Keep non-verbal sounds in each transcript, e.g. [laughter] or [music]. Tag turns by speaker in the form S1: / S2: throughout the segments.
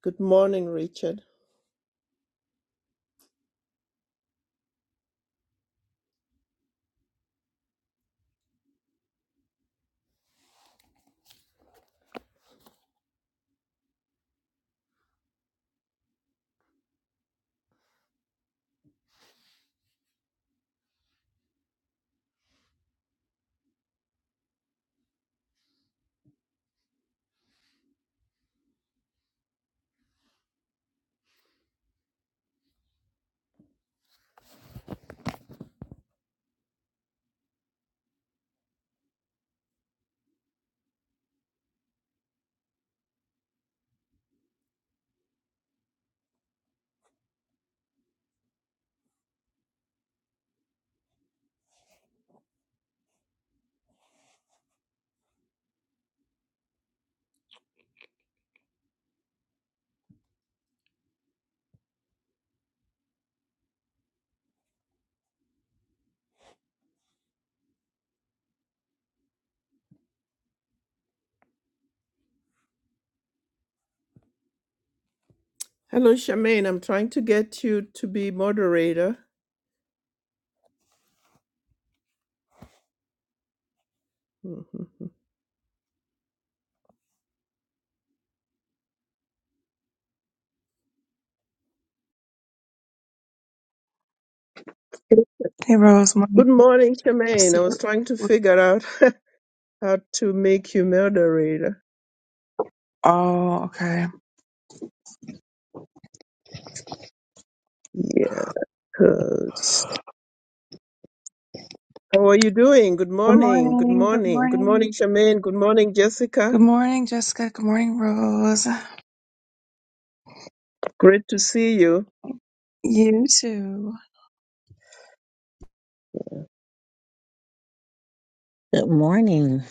S1: Good morning, Richard. Hello, Charmaine. I'm trying to get you to be moderator. Mhm.
S2: Hey Rose, morning.
S1: Good morning, Charmaine. I was trying to figure out [laughs] how to make you moderator.
S2: Oh, okay.
S1: Yeah. 'cause- How are you doing? Good
S2: Good
S1: morning. Good
S2: morning. Good
S1: morning. Good morning,
S2: morning.
S1: Charmaine. Good morning,
S2: Good
S1: Jessica.
S2: morning, Jessica. Good morning, Rose.
S1: Great to see you.
S2: You too.
S3: Good morning.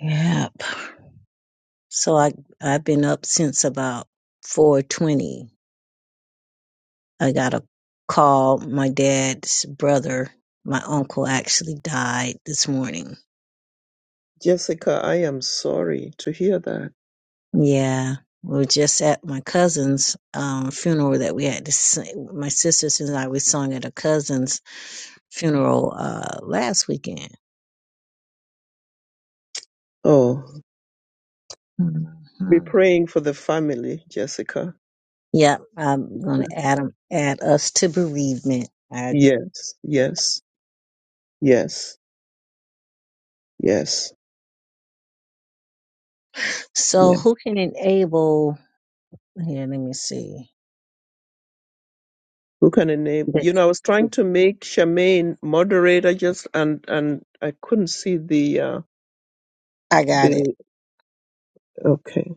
S3: Yep. So I I've been up since about four twenty. I got a call. My dad's brother, my uncle, actually died this morning.
S1: Jessica, I am sorry to hear that.
S3: Yeah, we were just at my cousin's um, funeral that we had to sing. My sisters and I we sung at a cousin's funeral uh, last weekend.
S1: Oh,
S3: hmm
S1: be praying for the family, Jessica.
S3: Yep, I'm gonna add 'em- add us to bereavement. I,
S1: Yes, yes, yes, yes. yes.
S3: so who can enable? Here, let me see.
S1: Who can I name?
S3: But
S1: You know, I was trying to make Charmaine moderator just and and I couldn't see the uh
S3: I got it.
S1: the okay.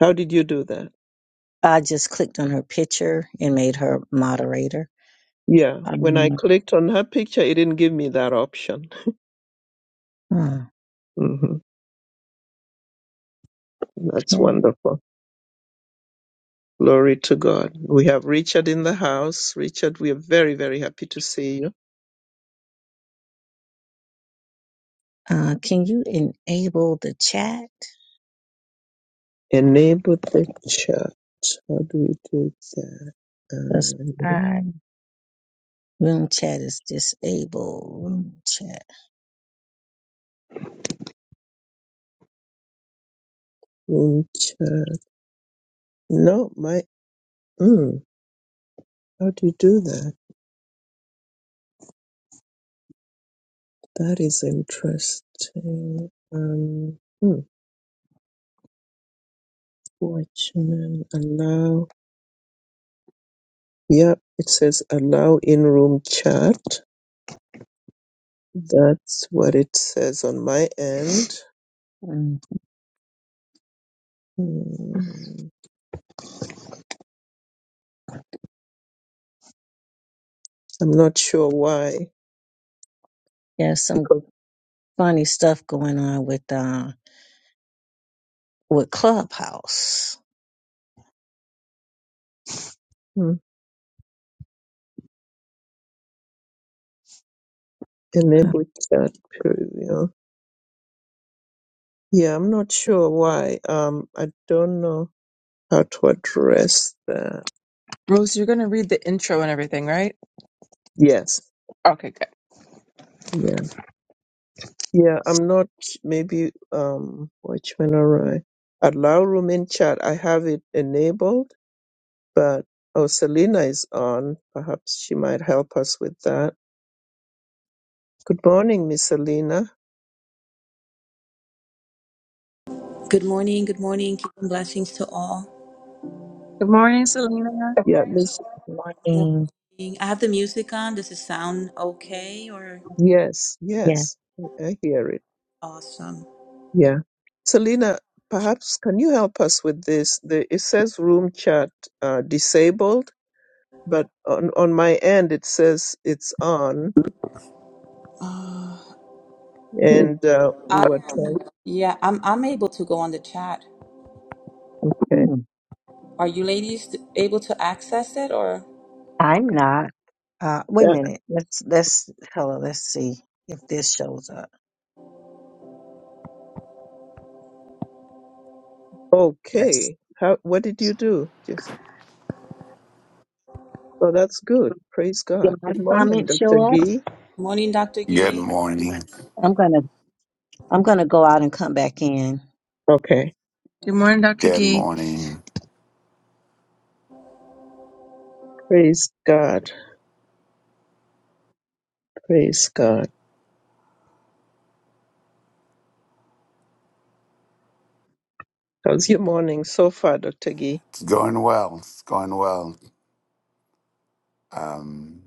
S1: How did you do that?
S3: I just clicked on her picture and made her moderator.
S1: Yeah, when I
S3: Um,
S1: clicked on her picture, it didn't give me that option.
S3: okay.
S1: hmm That's wonderful. Glory to God. We have Richard in the house. Richard, we are very, very happy to see you.
S3: Uh, can you enable the chat?
S1: Enable the chat. How do we do that?
S3: Because
S1: Uh,
S3: I room chat is disabled. Room chat.
S1: room chat. No, my. Mm, how do you do that? That is interesting. Um, hmm, watchmen allow. Yep, it says allow in room chat. That's what it says on my end.
S3: Mm.
S1: Hmm, I'm not sure why
S3: There's some
S1: because
S3: funny stuff going on with uh with Clubhouse.
S1: hmm,
S3: Huh.
S1: enable chat preview. Yeah, I'm not sure why. Um, I don't know how to address that.
S2: Rose, you're gonna read the intro and everything, right?
S1: Yes.
S2: Okay, good.
S1: yeah. Yeah, I'm not maybe um Watchman Alright. Allow room in chat. I have it enabled, but oh Selena is on. Perhaps she might help us with that. Good morning, Miss Selena.
S4: Good morning, good morning. Kingdom blessings to all.
S2: Good morning, Selena.
S1: Yeah, Miss
S3: Morning.
S4: I have the music on. Does it sound okay or
S1: Yes,
S3: Yeah.
S1: yes. I I hear it.
S4: awesome?
S1: Yeah. Selena, perhaps can you help us with this? The it says room chat uh disabled, but on on my end it says it's on and uh we
S4: I
S1: were
S4: am.
S1: trying
S4: Yeah, I'm I'm able to go on the chat.
S1: okay.
S3: Mm.
S4: Are you ladies able to access it or
S3: I'm not. Uh, wait a minute. Let's let's hello. Let's see if this shows up.
S2: Yes.
S1: Okay. How, what did you do? Just, oh, that's good. Praise
S3: Did
S1: God.
S3: my
S1: Good morning,
S3: comment
S1: Dr.
S3: show up?
S1: Gee.
S4: morning, Dr.
S5: Good
S4: Gay?
S5: morning.
S3: I'm gonna I'm gonna go out and come back in.
S1: Okay.
S2: Good morning, Dr.
S5: Good
S2: Gee.
S5: morning.
S1: Praise God. Praise God. How's your morning so far, Dr. Gee?
S5: It's going well. It's going well. Um,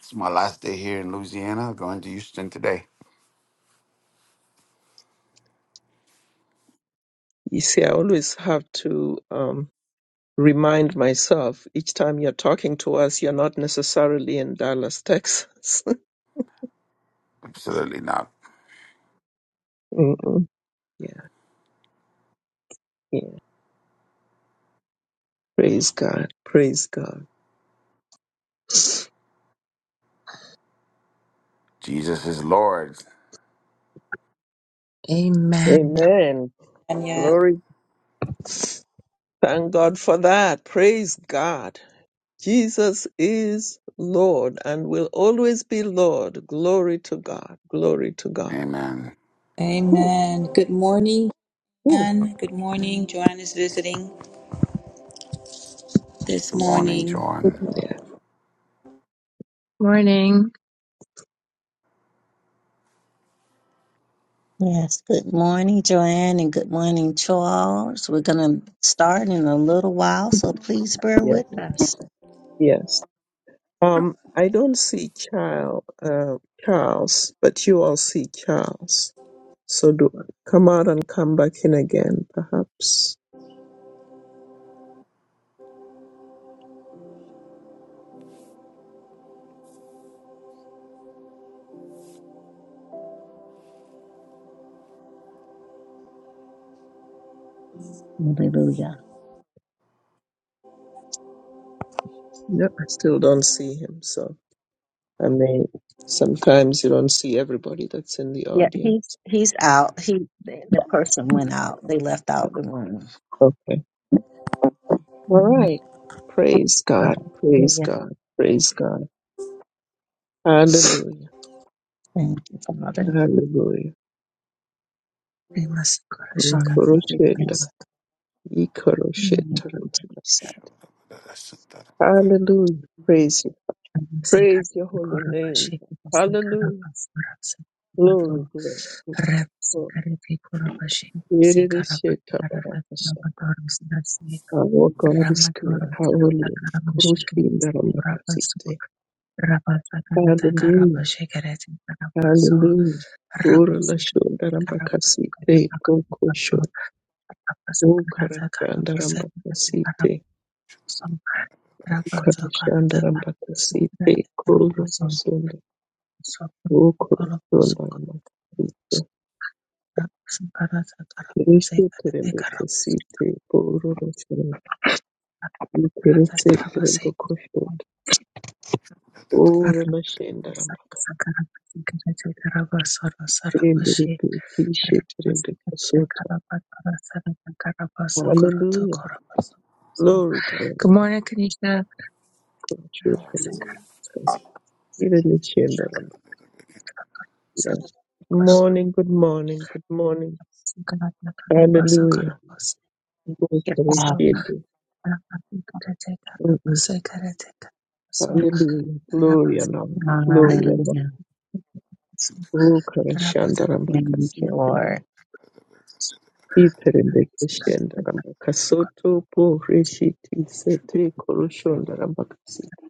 S5: it's my last day here in Louisiana. Going to Houston today.
S1: You see, I always have to um, remind myself each time you're talking to us, you're not necessarily in Dallas, Texas.
S5: Absolutely not.
S1: [laughs] Mm-mm. yeah. Yeah. Praise God. Praise God.
S5: Jesus is Lord.
S2: Amen.
S1: Amen.
S4: And yes.
S1: Glory. Thank God for that. Praise God. Jesus is Lord and will always be Lord. Glory to God. Glory to God.
S5: Amen.
S1: Whew,
S4: Amen. Good morning,
S1: whew.
S4: Jan. Good morning. Joanne is visiting this
S5: Good morning,
S4: morning.
S5: John.
S1: Yeah,
S2: Morning.
S3: Yes. Good morning, Joanne, and good morning, Charles. We're gonna start in a little while, so please bear
S1: yeah,
S3: with us.
S1: yes. Um, I don't see Charles, uh, Charles, but you all see Charles. So do come out and come back in again, perhaps.
S3: Hallelujah.
S1: No, I still don't see him. So I may. Sometimes you don't see everybody that's in the
S3: Yeah,
S1: audience.
S3: he's he's out. He the, the person went out. They left out the room.
S1: Okay. All
S3: Amen.
S1: right. Praise God. Praise
S3: Hallelujah.
S1: God. Praise God.
S2: Hey,
S1: Hallelujah.
S3: Thank you, Father.
S1: Hallelujah.
S2: Mr.
S3: Hallelujah.
S1: Ukoroshenda,
S3: Thank you, Jesus.
S1: ikoroshetarabakasi. Hallelujah. Praise you.
S2: Sekara
S1: Praise your holy
S2: Koraba
S1: name.
S2: Shiki Sekara
S1: Hallelujah.
S2: Basara Sekarabato
S1: Glory, glory, glory.
S2: Rep
S1: glory.
S2: Sekariti Koraba Shiki Sekaraba Karata
S1: Yerereshetabakasa.
S2: Nabatoro Sidasi
S1: Our God is good.
S2: Ramatoro Sidata
S1: Hallelujah.
S2: Karaba Shiki Sekaraba Suk
S1: Koroshendarabakasite.
S2: Rabba Sakanata Karaba
S1: Hallelujah.
S2: Shikarati Karabaso
S1: Hallelujah.
S2: Rabba Sikari Karaba
S1: Korolashondarabakasite.
S2: Sukamata
S1: Kokosho.
S2: Kapato Rabba Sakarata Karaba
S1: Okarashandarabakasite.
S2: some Ragazza
S1: Koreshanda
S2: Karate Karate
S1: Rambakasite Kuru
S2: Karate
S1: Sunda
S2: Sokoro
S1: Ukuru
S2: Koro
S1: Sunda
S2: Sokoro
S1: Rambakasite
S2: Karate Karate
S1: Kirishu
S2: Karate Karate
S1: Terembeke Site Kuru Sunda Ukeretse
S2: Karate
S1: Teremboko Sunda Ura Lashenda Rambakasite Ndiripi Kishe Terembeke Sota Hallelujah Glory
S2: Good
S1: Glory
S2: morning, Kanisha. I'm
S1: Koreshu
S2: a secret,
S1: Terembeke Even the Shenda
S2: secret,
S1: Rambakasite
S2: so corrupt,
S1: Morning, good morning, good morning.
S2: so corrupt, so corrupt, so
S1: Hallelujah.
S2: corrupt,
S1: Oh,
S2: so
S1: Koreshu
S2: Rabasikarateka, rabasikarateka, so
S1: Hallelujah. Glory
S2: rabasikarabasi,
S1: and honor. Glory and honor.
S3: Hallelujah.
S1: Oh, Karashandara
S2: rabatasu,
S3: Thank you,
S1: Makasite.
S3: Lord.
S1: Iterembeke Shendara
S2: rabasikarateka,
S1: Makasoto. Po Reshiti Sete Koroshondara Makasite.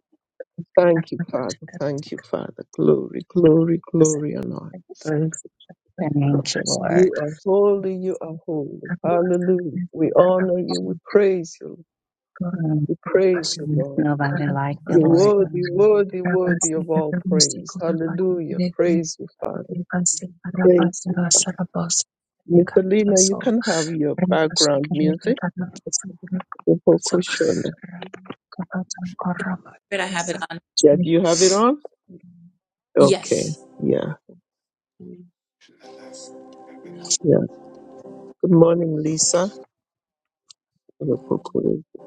S2: sukarabasikarateka,
S1: Thank you, Father. Thank you,
S2: rabasikarateka,
S1: Father. Glory, glory, glory and honor. Thank you.
S3: Thank you,
S2: so
S1: You
S3: Lord.
S1: are holy. You are holy. Hallelujah.
S2: rabasikarateka,
S1: We honor you. We
S2: rabasikarateka,
S1: praise you.
S3: Mm,
S1: We praise you,
S3: There's
S1: Lord.
S3: nobody like you,
S1: You're
S3: Lord.
S2: rabasikarateka,
S1: worthy,
S3: Mm,
S1: worthy, worthy of all praise. Hallelujah.
S2: rabasikarateka,
S1: Praise you, Father.
S2: Ribasi
S1: Praise you.
S2: Rabadara Sarabos
S1: Mr. Lena, you
S2: Ricardoso
S1: can have your
S2: Ribasu
S1: background
S2: Kennedy
S1: music,
S2: Carnaso
S1: Boko
S2: Ricardoso
S1: Shonda.
S6: Thank
S2: Rabatan
S4: Did I have it
S2: Corrabadorosa
S4: on?
S1: Yeah, do you have it on? Okay,
S4: Yes.
S1: yeah, yeah. Good morning, Lisa. Boko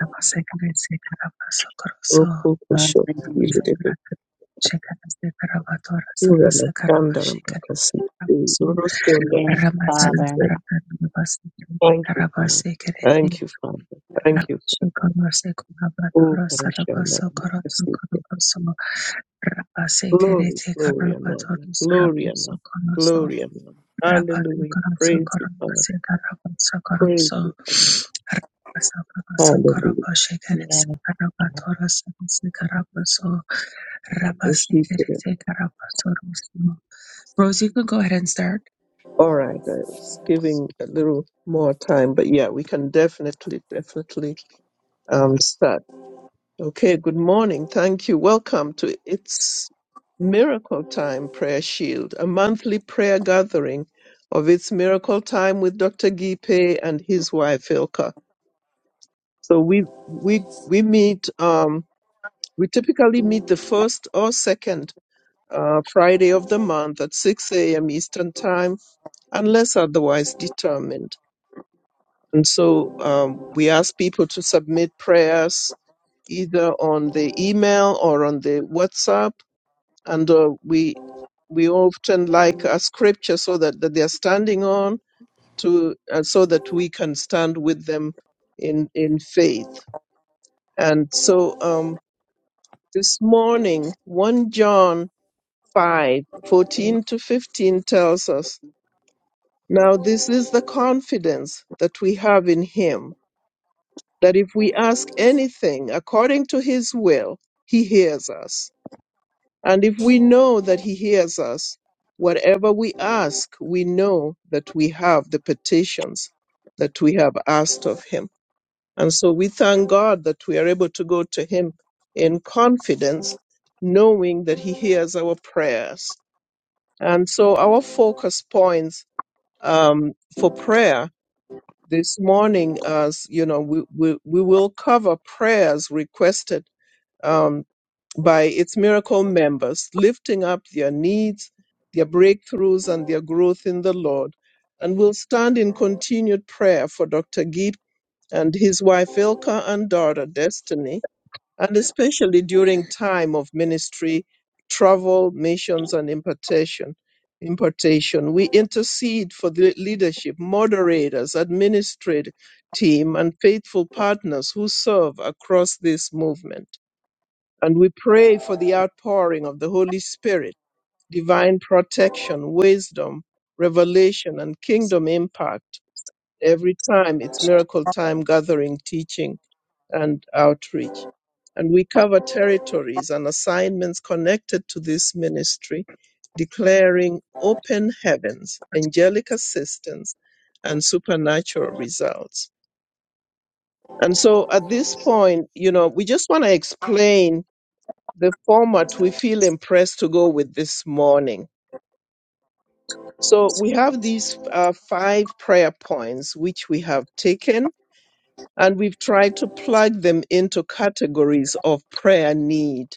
S2: Rabasecre Sicarabaso Corso
S1: Shonda.
S3: Hallelujah.
S2: Rabasagrata Checanas de Carabadora Sarasa Carabashica Rabasum
S3: Yes,
S2: Ramatan
S3: Father.
S2: Sarabadarabasi
S1: Thank you, Father.
S2: Carabasecre
S1: Thank you, Father. Thank you, Father.
S2: Rabashiconorse
S1: Oh,
S2: Corrabadoro
S1: Parashanda
S2: Sarabaso
S1: Ramakasite.
S2: Coroto Rabase
S1: Glory,
S2: kerete
S1: glory, and honor.
S2: karabatoru
S1: Glory, and
S2: sarabuso
S1: honor.
S2: konoso.
S1: Glory, and honor.
S2: Rabatu
S1: Hallelujah.
S2: karanso
S1: Praise you, Father.
S2: karabase karabatsa
S1: Praise
S2: karanso.
S1: you, Father.
S2: Rabasa karabasa
S1: Hallelujah.
S2: karabashe
S3: Yes,
S2: kerese
S3: Father.
S2: karabatoru sarabase karabaso.
S1: Oh,
S2: Rabase
S1: she did.
S2: kerete karabasoru simo. Rose, you
S6: you.
S2: can go ahead and start.
S1: All right, I was giving a little more time, but yeah, we can definitely, definitely um, start. Okay, good morning. Thank you. Welcome to It's Miracle Time Prayer Shield, a monthly prayer gathering of It's Miracle Time with Dr. Gipe and his wife, Ilka. So we, we, we meet, um, we typically meet the first or second uh, Friday of the month at 6 a.m. Eastern Time. unless otherwise determined. And so um, we ask people to submit prayers either on the email or on the WhatsApp, and uh, we we often like a scripture so that, that they are standing on to uh, so that we can stand with them in in faith. And so um, this morning, one John five fourteen to fifteen tells us. Now this is the confidence that we have in Him that if we ask anything according to his will, he hears us. And if we know that he hears us, whatever we ask, we know that we have the petitions that we have asked of him. And so we thank God that we are able to go to him in confidence, knowing that he hears our prayers. And so our focus points um, for prayer this morning as you know we, we, we will cover prayers requested um, by its miracle members lifting up their needs their breakthroughs and their growth in the lord and we'll stand in continued prayer for dr geep and his wife ilka and daughter destiny and especially during time of ministry, travel, missions, and impartation. Impartation. We intercede for the leadership, moderators, administrative team, and faithful partners who serve across this movement. And we pray for the outpouring of the Holy Spirit, divine protection, wisdom, revelation, and kingdom impact every time it's miracle time gathering teaching and outreach and we cover territories and assignments connected to this ministry declaring open heavens angelic assistance and supernatural results and so at this point you know we just want to explain the format we feel impressed to go with this morning so we have these uh, five prayer points which we have taken and we've tried to plug them into categories of prayer need.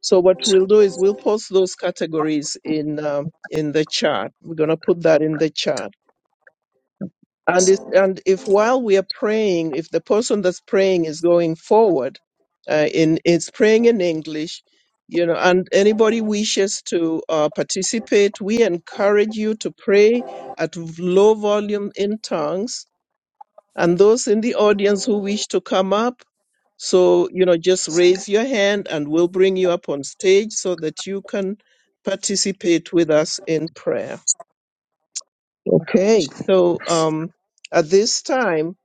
S1: So what we'll do is we'll post those categories in um, in the chat. We're gonna put that in the chat. And if, and if while we are praying, if the person that's praying is going forward, uh, in is praying in English, you know, and anybody wishes to uh, participate, we encourage you to pray at low volume in tongues. And those in the audience who wish to come up So, you know, just
S2: Second.
S1: raise your hand and we'll bring you up on stage so that you can participate with us in prayer. Okay. So, um, at this time,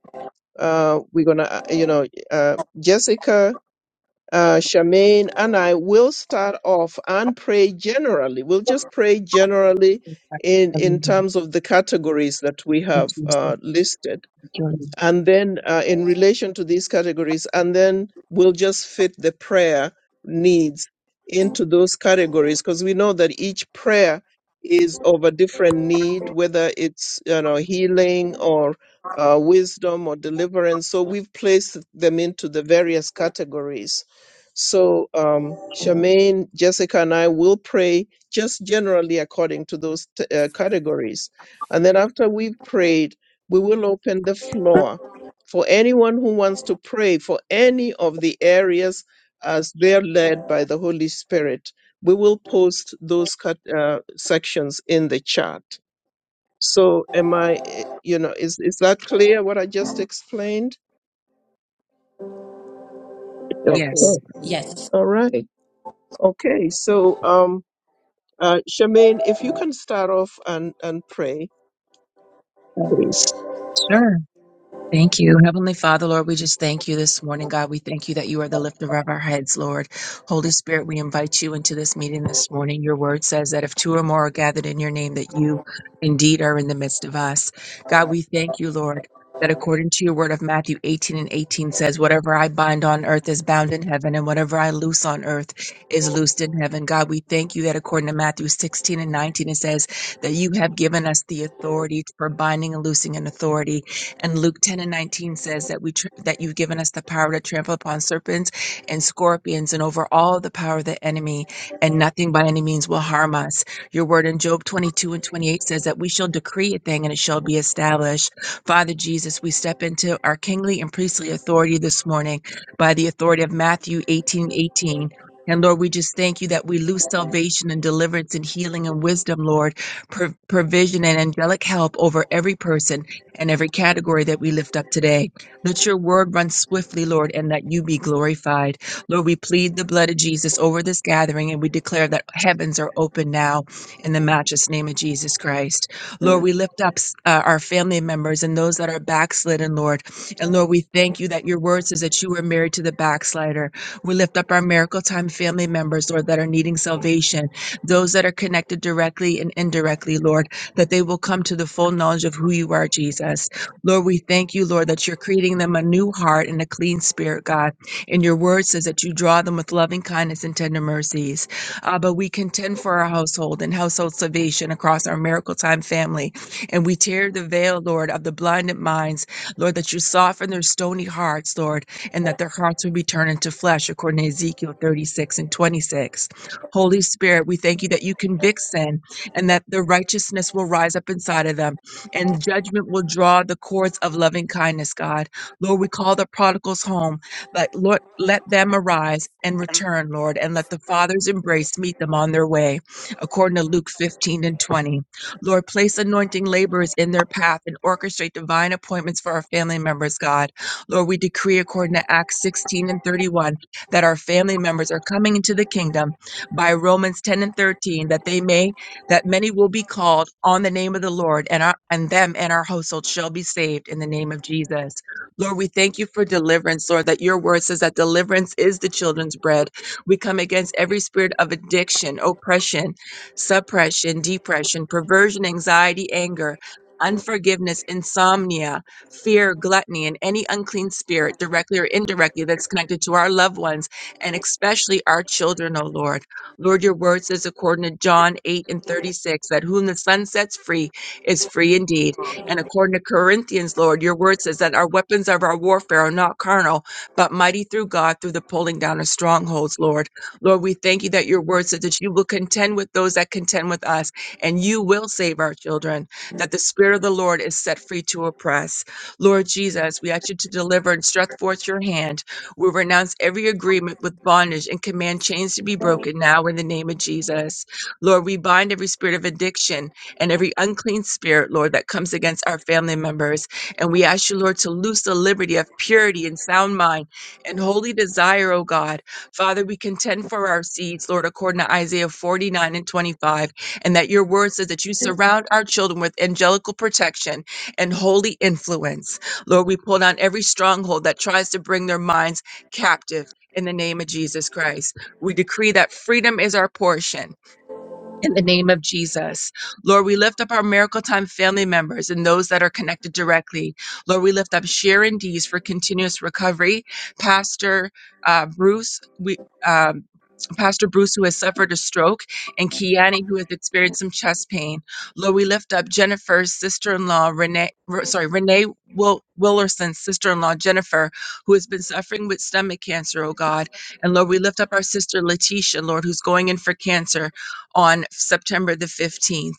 S1: uh, we're going to, you know, uh, Jessica, uh, Charmaine, and I will start off and pray generally. We'll just pray generally in, in terms of the categories that we have uh, listed and then uh, in relation to these categories, and then we'll just fit the prayer needs into those categories because we know that each prayer is of a different need, whether it's you know healing or uh, wisdom or deliverance. So we've placed them into the various categories. So um, Charmaine, Jessica, and I will pray just generally according to those t- uh, categories, and then after we've prayed we will open the floor for anyone who wants to pray for any of the areas as they're led by the Holy Spirit. We will post those cut, uh, sections in the chat. So, am I, eh, you know, is, is that clear what I just explained?
S3: Yes,
S2: Yes.
S1: Okay.
S3: Lord.
S4: Yes.
S1: All right. Okay. So, um, uh, Charmaine, if you can start off and, and pray, please.
S2: Sure. Thank you. Heavenly Father, Lord, we just thank you this morning, God. We thank you that you are the lifter of our heads, Lord. Holy Spirit, we invite you into this meeting this morning. Your word says that if two or more are gathered in your name, that you indeed are in the midst of us. God, we thank you, Lord, that according to your word of Matthew 18 and 18 says, whatever I bind on earth is bound in heaven, and whatever I loose on earth is loosed in heaven. God, we thank you that according to Matthew 16 and 19, it says that you have given us the authority for binding and loosing in authority. And Luke 10 and 19 says that we tr- that you've given us the power to trample upon serpents and scorpions and over all the power of the enemy, and nothing by any means will harm us. Your word in Job 22 and 28 says that we shall decree a thing and it shall be established. Father Jesus, we step into our kingly and priestly authority this morning by the authority of Matthew 18 18. And Lord, we just thank you that we lose salvation and deliverance and healing and wisdom, Lord, pro- provision and angelic help over every person and every category that we lift up today. Let your word run swiftly, Lord, and that you be glorified. Lord, we plead the blood of Jesus over this gathering and we declare that heavens are open now in the matchless name of Jesus Christ. Lord, we lift up uh, our family members and those that are backslidden, Lord. And Lord, we thank you that your word says that you are married to the backslider. We lift up our miracle time family members, Lord, that are needing salvation, those that are connected directly and indirectly, Lord that they will come to the full knowledge of who you are, Jesus. Lord, we thank you, Lord, that you're creating them a new heart and a clean spirit, God. And your word says that you draw them with loving kindness and tender mercies. Abba, we contend for our household and household salvation across our miracle time family. And we tear the veil, Lord, of the blinded minds, Lord, that you soften their stony hearts, Lord, and that their hearts would be turned into flesh, according to Ezekiel 36 and 26. Holy Spirit, we thank you that you convict sin and that the righteousness will rise up inside of them, and judgment will draw the cords of loving kindness, God. Lord, we call the prodigals home. Let, Lord, let them arise and return, Lord, and let the Father's embrace meet them on their way, according to Luke 15 and 20. Lord, place anointing laborers in their path and orchestrate divine appointments for our family members, God. Lord, we decree, according to Acts 16 and 31, that our family members are coming into the kingdom by Romans 10 and 13, that they may that many will be called on the name of the Lord, and our and them and our household shall be saved in the name of Jesus. Lord, we thank you for deliverance, Lord, that your word says that deliverance is the children's bread. We come against every spirit of addiction, oppression, suppression, depression, perversion, anxiety, anger. Unforgiveness, insomnia, fear, gluttony, and any unclean spirit, directly or indirectly, that's connected to our loved ones and especially our children, Oh Lord. Lord, your word says, according to John 8 and 36, that whom the Son sets free is free indeed. And according to Corinthians, Lord, your word says that our weapons of our warfare are not carnal, but mighty through God through the pulling down of strongholds, Lord. Lord, we thank you that your word says that you will contend with those that contend with us, and you will save our children, that the Spirit of the Lord is set free to oppress. Lord Jesus, we ask you to deliver and stretch forth your hand we renounce every agreement with bondage and command chains to be broken now in the name of Jesus. Lord, we bind every spirit of addiction and every unclean spirit, Lord, that comes against our family members. And we ask you, Lord, to loose the liberty of purity and sound mind and holy desire, O God. Father, we contend for our seeds, Lord, according to Isaiah 49 and 25, and that your word says that you surround our children with angelical protection and holy influence. Lord, we pull down every stronghold that tries to bring their minds captive in the name of Jesus Christ. We decree that freedom is our portion in the name of Jesus. Lord, we lift up our Miracle Time family members and those that are connected directly. Lord, we lift up Sharon Dees for continuous recovery, Pastor uh, Bruce, we, um, Pastor Bruce, who has suffered a stroke, and Kiani, who has experienced some chest pain. Lord, we lift up Jennifer's sister-in-law, Renee, Re- sorry, Renee Wil- Willerson's sister-in-law, Jennifer, who has been suffering with stomach cancer, oh God. And Lord, we lift up our sister, Letitia, Lord, who's going in for cancer on September the 15th.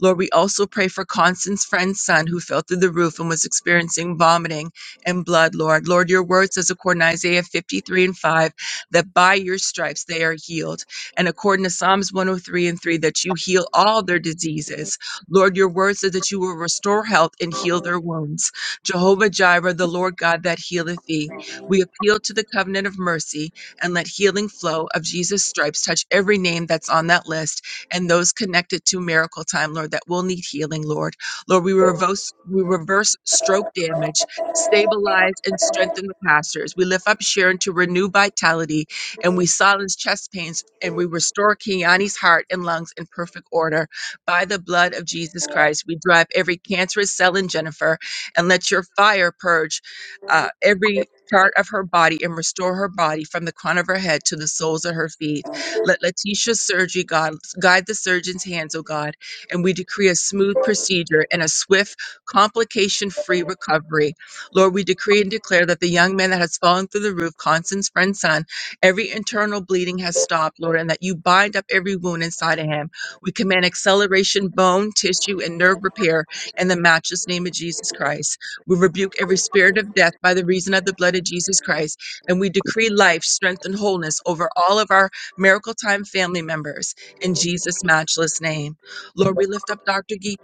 S2: Lord, we also pray for Constance friend's son who fell through the roof and was experiencing vomiting and blood, Lord. Lord, your word says, according to Isaiah 53 and 5, that by your stripes they are healed. And according to Psalms 103 and 3, that you heal all their diseases. Lord, your word says that you will restore health and heal their wounds. Jehovah Jireh, the Lord God that healeth thee. We appeal to the covenant of mercy and let healing flow of Jesus' stripes touch every name that's on that list and those connected to miracle time, Lord, that will need healing, Lord. Lord, we reverse, we reverse stroke damage, stabilize and strengthen the pastors. We lift up Sharon to renew vitality and we silence chest pains and we restore Kiani's heart and lungs in perfect order. By the blood of Jesus Christ, we drive every cancerous cell in Jennifer and let your fire purge uh, every part of her body and restore her body from the crown of her head to the soles of her feet. Let Letitia's surgery, God, guide the surgeon's hands, O God, and we decree a smooth procedure and a swift, complication free recovery. Lord, we decree and declare that the young man that has fallen through the roof, Constance friend's son, every internal bleeding has stopped, Lord, and that you bind up every wound inside of him. We command acceleration, bone, tissue, and nerve repair in the matchless name of Jesus Christ. We rebuke every spirit of death by the reason of the blood of Jesus Christ, and we decree life, strength, and wholeness over all of our Miracle Time family members, in Jesus' matchless name. Lord, we lift up Dr. Guy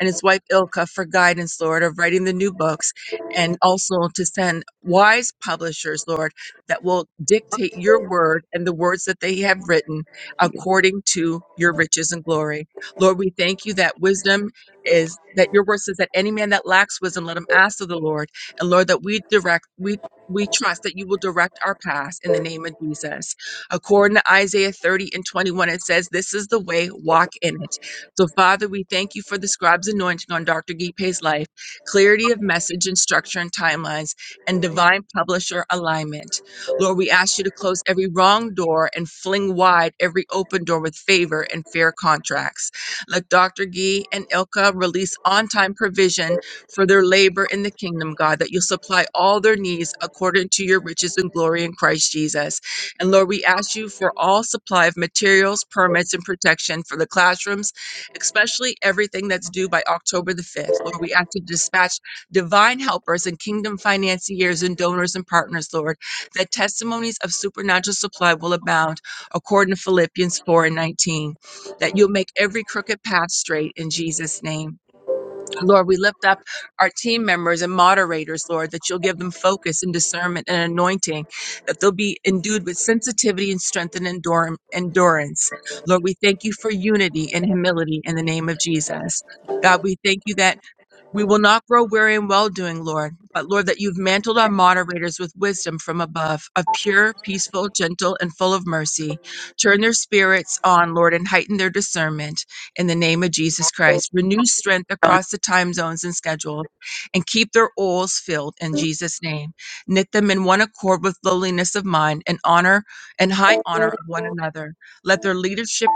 S2: and his wife Ilka for guidance, Lord, of writing the new books and also to send wise publishers, Lord, that will dictate your word and the words that they have written
S1: Yeah.
S2: according to your riches and glory. Lord, we thank you that wisdom is that your word says that any man that lacks wisdom, let him ask of the Lord. And Lord, that we direct, we we trust that you will direct our paths in the name of Jesus. According to Isaiah 30 and 21, it says, This is the way, walk in it. So, Father, we thank you for the scribe's anointing on Dr. Gipe's life, clarity of message and structure and timelines, and divine publisher alignment. Lord, we ask you to close every wrong door and fling wide every open door with favor and fair contracts. Let Dr. Gee and Ilka release on time provision for their labor in the kingdom, God, that you'll supply all their needs according to your riches and glory in Christ Jesus. And Lord, we ask you for all supply of materials, permits, and protection for the classrooms, especially everything that's due by October the 5th. Lord, we ask you to dispatch divine helpers and kingdom financiers and donors and partners, Lord, that testimonies of supernatural supply will abound according to Philippians 4 and 19, that you'll make every crooked path straight in Jesus' name. Lord, we lift up our team members and moderators, Lord, that you'll give them focus and discernment and anointing, that they'll be endued with sensitivity and strength and endure- endurance. Lord, we thank you for unity and humility in the name of Jesus. God, we thank you that we will not grow weary in well doing, Lord, but Lord, that you've mantled our moderators with wisdom from above, of pure, peaceful, gentle, and full of mercy. Turn their spirits on, Lord, and heighten their discernment in the name of Jesus Christ. Renew strength across the time zones and schedules, and keep their oils filled in Jesus' name. Knit them in one accord with lowliness of mind and honor and high honor of one another. Let their leadership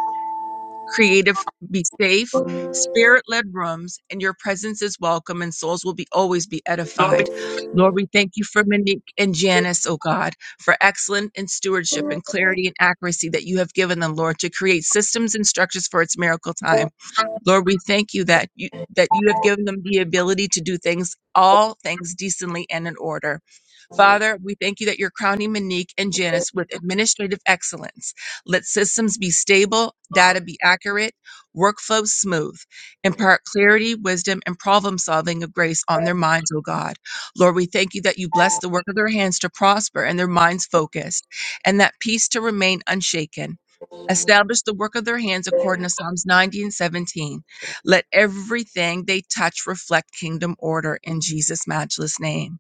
S2: creative, be safe, spirit led rooms, and your presence is welcome, and souls will be always be edified. Lord, we thank you for Monique and Janice, oh God, for excellence in stewardship and clarity and accuracy that you have given them, Lord, to create systems and structures for its miracle time. Lord, we thank you that you that you have given them the ability to do things, all things decently and in order. Father, we thank you that you're crowning Monique and Janice with administrative excellence. Let systems be stable, data be accurate, workflows smooth. Impart clarity, wisdom, and problem solving of grace on their minds, O God. Lord, we thank you that you bless the work of their hands to prosper and their minds focused, and that peace to remain unshaken. Establish the work of their hands according to Psalms 90 and 17. Let everything they touch reflect kingdom order in Jesus' matchless name.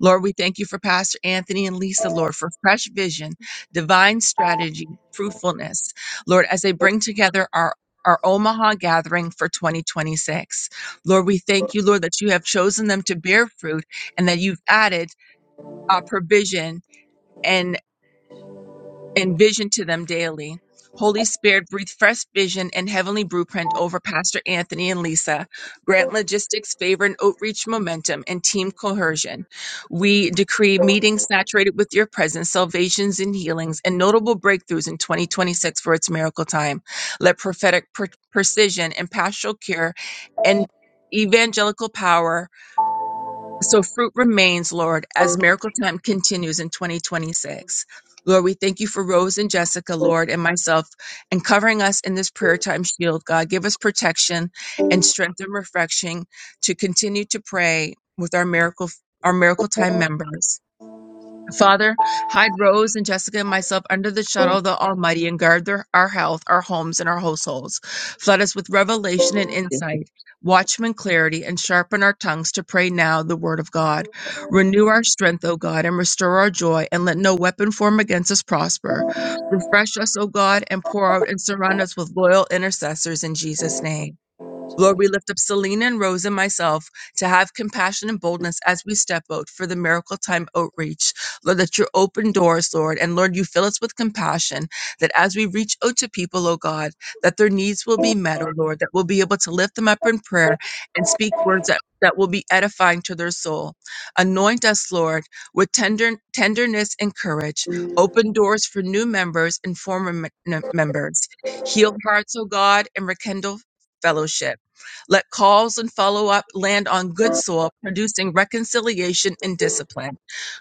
S2: Lord, we thank you for Pastor Anthony and Lisa, Lord, for fresh vision, divine strategy, fruitfulness. Lord, as they bring together our our Omaha gathering for 2026. Lord, we thank you, Lord, that you have chosen them to bear fruit and that you've added uh, provision and and vision to them daily. Holy Spirit, breathe fresh vision and heavenly blueprint over Pastor Anthony and Lisa. Grant logistics, favor, and outreach momentum and team cohesion. We decree meetings saturated with your presence, salvations and healings, and notable breakthroughs in 2026 for its miracle time. Let prophetic per- precision and pastoral care and evangelical power so fruit remains, Lord, as Miracle Time continues in 2026. Lord, we thank you for Rose and Jessica, Lord, and myself, and covering us in this prayer time shield. God, give us protection and strength and refreshing to continue to pray with our miracle, our miracle time members. Father, hide Rose and Jessica and myself under the shadow of the Almighty and guard their, our health, our homes, and our households. Flood us with revelation and insight, watchman clarity, and sharpen our tongues to pray now the word of God. Renew our strength, O God, and restore our joy, and let no weapon form against us prosper. Refresh us, O God, and pour out and surround us with loyal intercessors in Jesus' name. Lord, we lift up Selena and Rose and myself to have compassion and boldness as we step out for the miracle time outreach. Lord, that you open doors, Lord, and Lord, you fill us with compassion that as we reach out to people, oh God, that their needs will be met, oh Lord, that we'll be able to lift them up in prayer and speak words that, that will be edifying to their soul. Anoint us, Lord, with tender, tenderness and courage. Open doors for new members and former me- members. Heal hearts, oh God, and rekindle fellowship. Let calls and follow up land on good soil, producing reconciliation and discipline.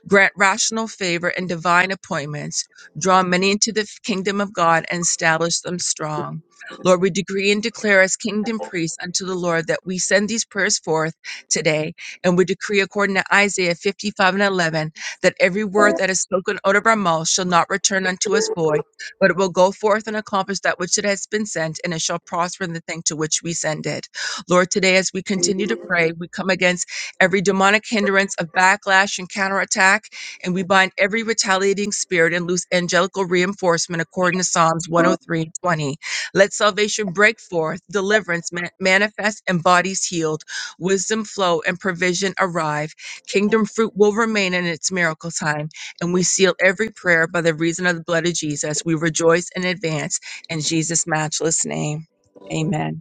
S2: Grant rational favor and divine appointments. Draw many into the kingdom of God and establish them strong. Lord, we decree and declare as kingdom priests unto the Lord that we send these prayers forth today. And we decree, according to Isaiah 55 and 11, that every word that is spoken out of our mouth shall not return unto us void, but it will go forth and accomplish that which it has been sent, and it shall prosper in the thing to which we send it. Lord, today as we continue to pray, we come against every demonic hindrance of backlash and counterattack, and we bind every retaliating spirit and loose angelical reinforcement according to Psalms 103 and 20. Let salvation break forth, deliverance ma- manifest, and bodies healed, wisdom flow, and provision arrive. Kingdom fruit will remain in its miracle time, and we seal every prayer by the reason of the blood of Jesus. We rejoice and advance in Jesus' matchless name. Amen.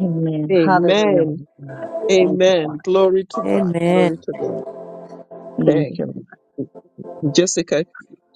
S3: Amen. Hallelujah,
S1: Amen.
S3: Lord God. Thank you,
S1: Amen.
S3: Father.
S1: Glory to God.
S7: Amen.
S1: Glory to God. Thank.
S3: Thank you, Lord.
S1: Jessica,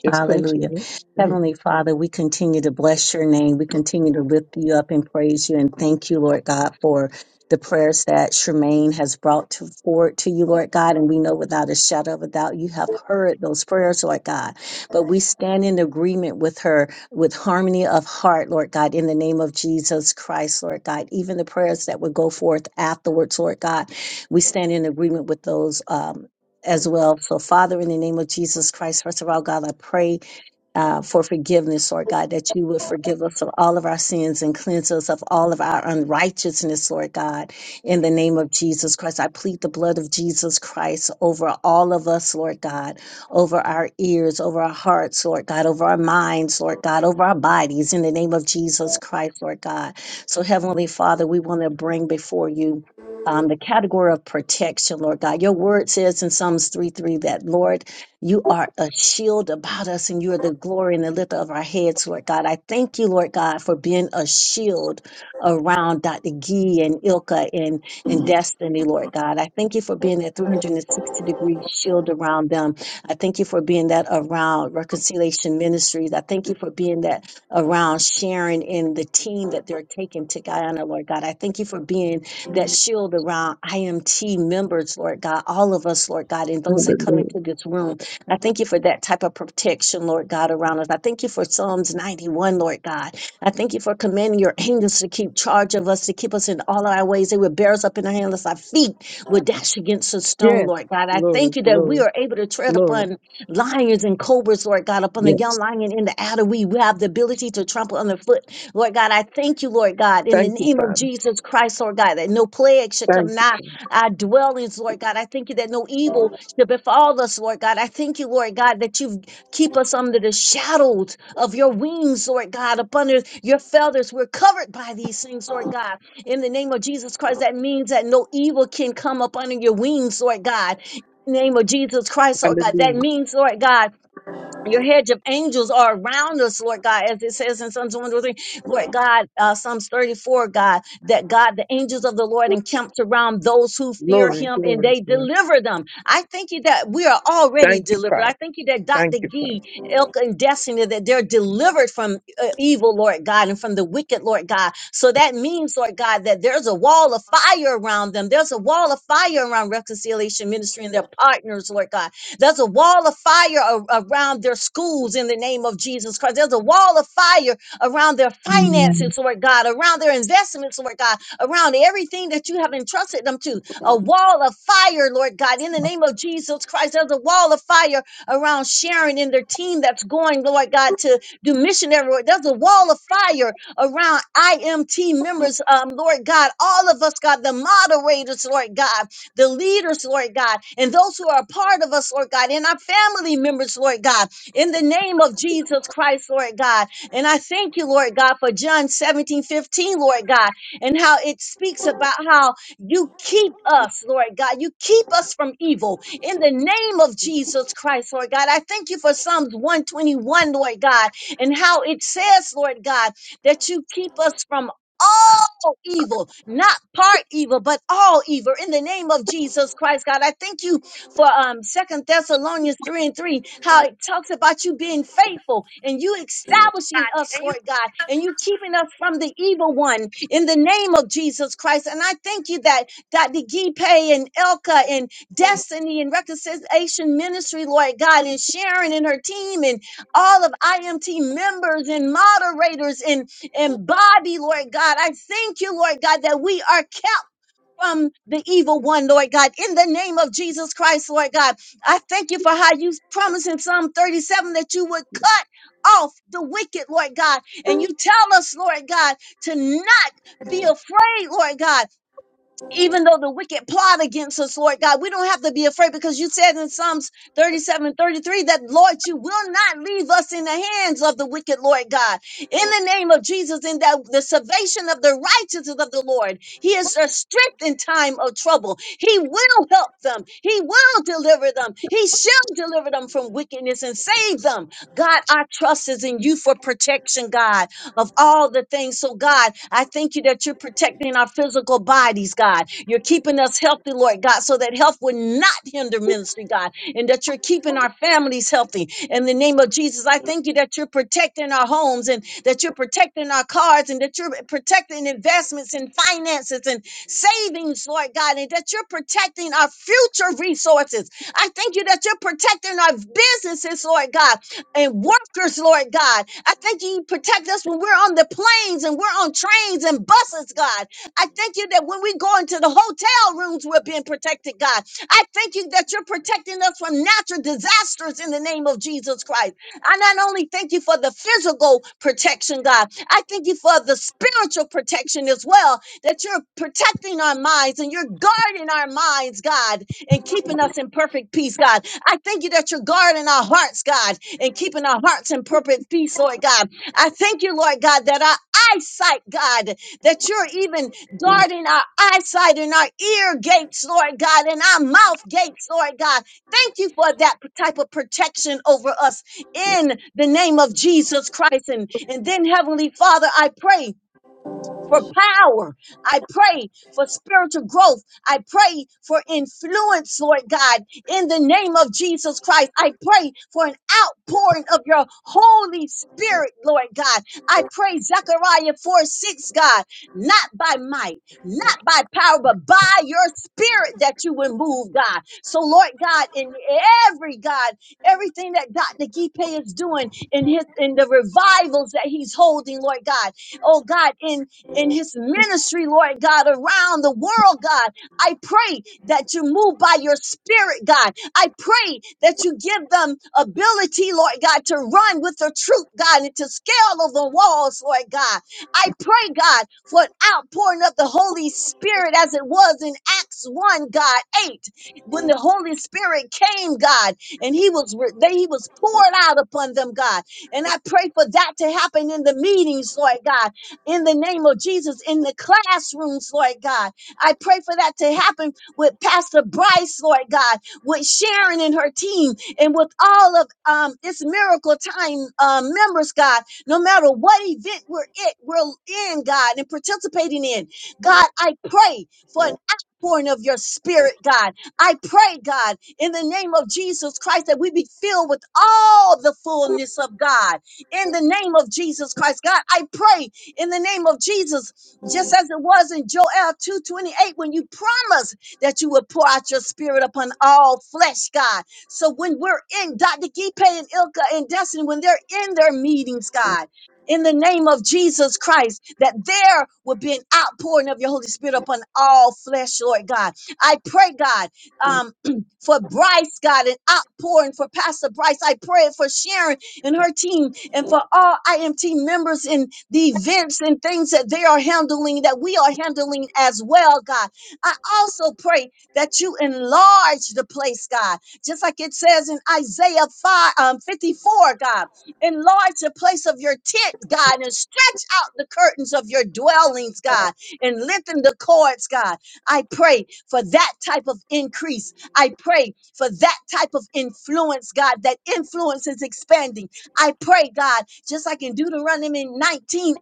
S1: just
S3: Hallelujah.
S1: continue. Mhm.
S3: Heavenly Father, we continue to bless your name. We continue to lift you up and praise you and thank you, Lord God, for the prayers that Tremaine has brought to, forward to you, Lord God. And we know without a shadow of a doubt, you have heard those prayers, Lord God. But we stand in agreement with her with harmony of heart, Lord God, in the name of Jesus Christ, Lord God. Even the prayers that would go forth afterwards, Lord God, we stand in agreement with those. Um, as well. So, Father, in the name of Jesus Christ, first of all, God, I pray uh, for forgiveness, Lord God, that you would forgive us of all of our sins and cleanse us of all of our unrighteousness, Lord God, in the name of Jesus Christ. I plead the blood of Jesus Christ over all of us, Lord God, over our ears, over our hearts, Lord God, over our minds, Lord God, over our bodies, in the name of Jesus Christ, Lord God. So, Heavenly Father, we want to bring before you um, the category of protection, Lord God. Your word says in Psalms 3 3 that, Lord, you are a shield about us and you are the glory and the lifter of our heads, Lord God. I thank you, Lord God, for being a shield around Dr. Gee and Ilka and, and Destiny, Lord God. I thank you for being that 360 degree shield around them. I thank you for being that around Reconciliation Ministries. I thank you for being that around Sharon and the team that they're taking to Guyana, Lord God. I thank you for being that shield around IMT members, Lord God, all of us, Lord God, and those that come
S1: Hallelujah.
S3: into this room. I thank you for that type of protection, Lord God, around us. I thank you for Psalms 91, Lord God. I thank you for commanding your angels to keep charge of us, to keep us in all our ways. They would bear us up in the hand, lest our feet would dash against a stone,
S1: Yes,
S3: Lord God. I thank
S1: glory,
S3: you that we
S1: glory,
S3: are able to tread
S1: glory.
S3: upon lions and cobras, Lord God, upon the
S1: Yes.
S3: young lion in the adder. We have the ability to trample underfoot Lord God, I thank you, Lord God, in the
S1: Thank you,
S3: name of
S1: Father.
S3: Jesus Christ, Lord God, that no plague should
S1: Thank
S3: come
S1: you,
S3: nigh
S1: Father.
S3: our dwellings, Lord God. I thank you that no evil should befall us, Lord God. I thank you, Lord God, that you keep us under the shadows of your wings, Lord God, up under your feathers. We're covered by these things, Lord God. In the name of Jesus Christ, that means that no evil can come up under your wings, Lord God. Name of Jesus Christ, Lord God. That
S1: Hallelujah.
S3: means, Lord God, your hedge of angels are around us, Lord God, as it says in Psalms 103, Lord God, uh, Psalms 34, God, that God, the angels of the Lord encamped around those who fear
S1: Glory,
S3: him and
S1: glory,
S3: they
S1: glory.
S3: deliver them. I thank you that we are already
S1: Thank you,
S3: delivered. I
S1: Father.
S3: thank you that
S1: Thank
S3: Dr.
S1: you, Father.
S3: Gee, Elka, and Destiny, that they're delivered from uh, evil, Lord God, and from the wicked, Lord God. So that means, Lord God, that there's a wall of fire around them. There's a wall of fire around Reconciliation Ministry and their partners, Lord God there's a wall of fire a- around their schools in the name of Jesus Christ. There's a wall of fire around their
S2: Amen.
S3: finances, Lord God, around their investments, Lord God, around everything that you have entrusted them to. A wall of fire, Lord God, in the name of Jesus Christ. There's a wall of fire around Sharon and their team that's going, Lord God, to do missionary work. There's a wall of fire around IMT members, um, Lord God, all of us, God, the moderators, Lord God the leaders, Lord God, and those who are a part of us, Lord God, and our family members, Lord God, in the name of Jesus Christ, Lord God. And I thank you, Lord God, for John 17 15, Lord God, and how it speaks about how you keep us, Lord God. You keep us from evil in the name of Jesus Christ, Lord God. I thank you for Psalms 121, Lord God, and how it says, Lord God, that you keep us from all evil, not part evil, but all evil in the name of Jesus Christ, God. I thank you for um Second Thessalonians 3 and 3, how it talks about you being faithful and you establishing us, Lord God, and you keeping us from the evil one in the name of Jesus Christ. And I thank you that Dr. Gipe and Elka and Destiny and Reconciliation Ministry, Lord God, and Sharon and her team and all of IMT members and moderators and and Bobby, Lord God. I thank you, Lord God, that we are kept from the evil one, Lord God, in the name of Jesus Christ, Lord God. I thank you for how you promised in Psalm 37 that you would cut off the wicked, Lord God. And you tell us, Lord God, to not be afraid, Lord God even though the wicked plot against us, Lord God, we don't have to be afraid because you said in Psalms 37 33 that, Lord, you will not leave us in the hands of the wicked, Lord God. In the name of Jesus, in that the salvation of the righteousness of the Lord, He is our strength in time of trouble. He will help them, He will deliver them, He shall deliver them from wickedness and save them. God, our trust is in you for protection, God of all the things. So, God, I thank you that you're protecting our physical bodies, God. You're keeping us healthy, Lord God, so that health would not hinder ministry, God, and that you're keeping our families healthy. In the name of Jesus, I thank you that you're protecting our homes and that you're protecting our cars and that you're protecting investments and finances and savings, Lord God, and that you're protecting our future resources. I thank you that you're protecting our businesses, Lord God, and workers, Lord God. I thank you, you protect us when we're on the planes and we're on trains and buses, God. I thank you that when we go into the hotel rooms, we're being protected, God. I thank you that you're protecting us from natural disasters in the name of Jesus Christ. I not only thank you for the physical protection, God, I thank you for the spiritual protection as well, that you're protecting our minds and you're guarding our minds, God, and keeping us in perfect peace, God. I thank you that you're guarding our hearts, God, and keeping our hearts in perfect peace, Lord God. I thank you, Lord God, that our eyesight, God, that you're even guarding our eyesight and our ear gates, Lord God, and our mouth gates, Lord God. Thank you for that p- type of protection over us in the name of Jesus Christ. And, and then, Heavenly Father, I pray for power. I pray for spiritual growth. I pray for influence, Lord God, in the name of Jesus Christ. I pray for an outpouring of your Holy Spirit, Lord God. I pray Zechariah 4 6, God, not by might, not by power, but by your spirit that you would move, God. So, Lord God, in every God, everything that Dr. Gipe is doing in his in the revivals that he's holding, Lord God, oh God, in in his ministry, Lord God, around the world, God. I pray that you move by your spirit, God. I pray that you give them ability, Lord God, to run with the truth, God, and to scale over the walls, Lord God. I pray, God, for an outpouring of the Holy Spirit as it was in Acts 1, God 8, when the Holy Spirit came, God, and he was re- they, he was poured out upon them, God. And I pray for that to happen in the meetings, Lord God in the name of Jesus in the classrooms, Lord God. I pray for that to happen with Pastor Bryce, Lord God, with Sharon and her team, and with all of um, its miracle time uh, members, God. No matter what event we're it we're in, God, and participating in, God, I pray for an outpouring of your spirit, God. I pray, God, in the name of Jesus Christ, that we be filled with all the fullness of God in the name of Jesus Christ. God, I pray in the name of Jesus, just as it was in Joel 2:28 when you promised that you would pour out your spirit upon all flesh, God. So when we're in Dr. Gipe and Ilka and Destiny, when they're in their meetings, God, in the name of Jesus Christ, that there will be an outpouring of your Holy Spirit upon all flesh, Lord God. I pray, God, um, [clears throat] for Bryce, God, an outpouring for Pastor Bryce. I pray for Sharon and her team and for all IMT members in the events and things that they are handling, that we are handling as well, God. I also pray that you enlarge the place, God, just like it says in Isaiah 5, um, 54, God. Enlarge the place of your tent, God, and stretch out the curtains of your dwellings, God, and lengthen the cords, God. I pray for that type of increase. I pray for that type of influence, God. That influence is expanding I pray, God, just like in Deuteronomy 19:8,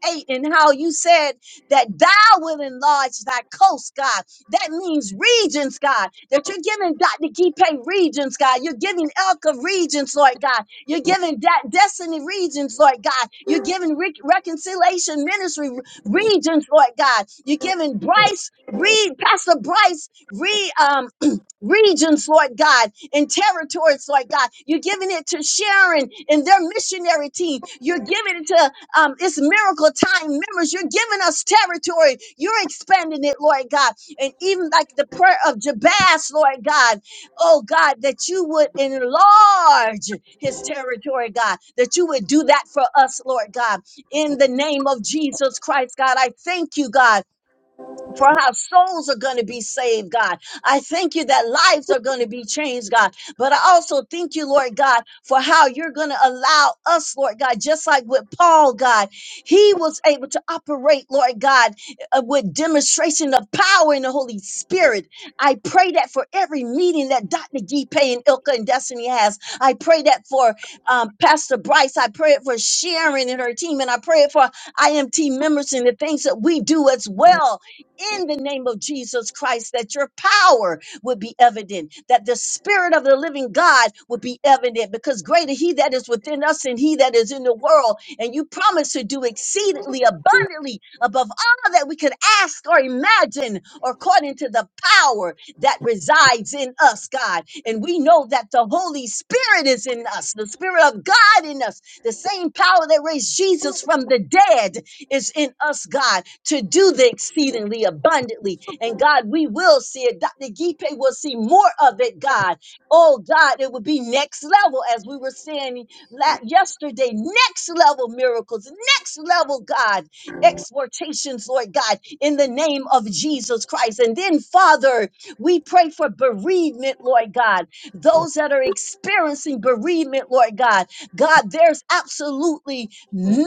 S3: and how you said that thou will enlarge thy coast, God. That means regions, God, that you're giving Dr. Gipe regions, God. You're giving Elka regions, Lord God. You're giving that destiny regions, Lord God. You're giving Re- reconciliation ministry regions, Lord God. You're giving Bryce, Reed, Pastor Bryce, Reed, um, [clears throat] regions, Lord God in territories, Lord God. You're giving it to Sharon and their missionary team. You're giving it to um, its miracle time members. You're giving us territory. You're expanding it, Lord God. And even like the prayer of Jabaz, Lord God, oh God, that you would enlarge his territory, God, that you would do that for us, Lord God, in the name of Jesus Christ, God. I thank you, God for how souls are going to be saved, God. I thank you that lives are going to be changed, God. But I also thank you, Lord God, for how you're going to allow us, Lord God, just like with Paul, God, he was able to operate, Lord God, uh, with demonstration of power in the Holy Spirit. I pray that for every meeting that Dr. Gipe and Ilka and Destiny has. I pray that for um, Pastor Bryce. I pray it for Sharon and her team. And I pray it for IMT members and the things that we do as well in the name of Jesus Christ, that your power would be evident, that the spirit of the living God would be evident, because greater he that is within us and he that is in the world. And you promise to do exceedingly abundantly above all that we could ask or imagine, or according to the power that resides in us, God. And we know that the Holy Spirit is in us, the Spirit of God in us, the same power that raised Jesus from the dead is in us, God, to do the exceedingly abundantly. And God, we will see it. Dr. Gipe will see more of it, God. Oh, God, it would be next level, as we were saying la- yesterday. Next level miracles, next level, God, exhortations, Lord God, in the name of Jesus Christ. And then, Father, we pray for bereavement, Lord God. Those that are experiencing bereavement, Lord God, God, there's absolutely no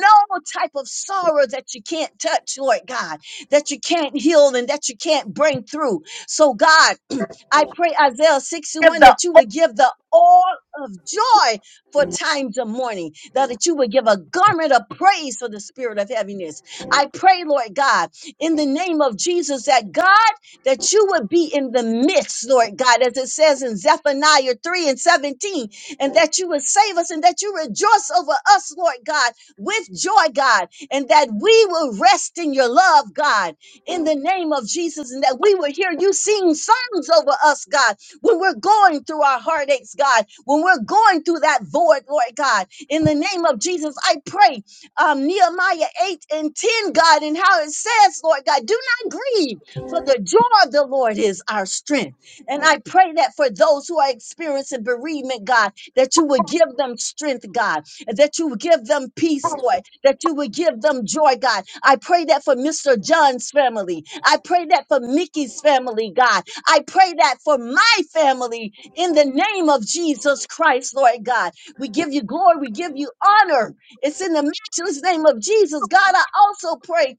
S3: type of sorrow that you can't touch, Lord God, that you can't heal and that you can't bring through. So, God, [clears throat] I pray, Isaiah 61, that you would give the all of joy for times of mourning, that that you would give a garment of praise for the spirit of heaviness. I pray, Lord God, in the name of Jesus, that God, that you would be in the midst, Lord God, as it says in Zephaniah 3 and 17, and that you would save us and that you rejoice over us, Lord God, with joy, God, and that we will rest in your love, God, in the name of Jesus, and that we will hear you sing songs over us, God, when we're going through our heartaches, God, when we're going through that void, Lord God, in the name of Jesus, I pray um, Nehemiah 8 and 10, God, and how it says, Lord God, do not grieve, for the joy of the Lord is our strength. And I pray that for those who are experiencing bereavement, God, that you would give them strength, God that you would give them peace, Lord, that you would give them joy, God. I pray that for Mr. John's family. I pray that for Mickey's family, God. I pray that for my family in the name of Jesus Christ, Lord God. We give you glory, we give you honor. It's in the matchless name of Jesus. God, I also pray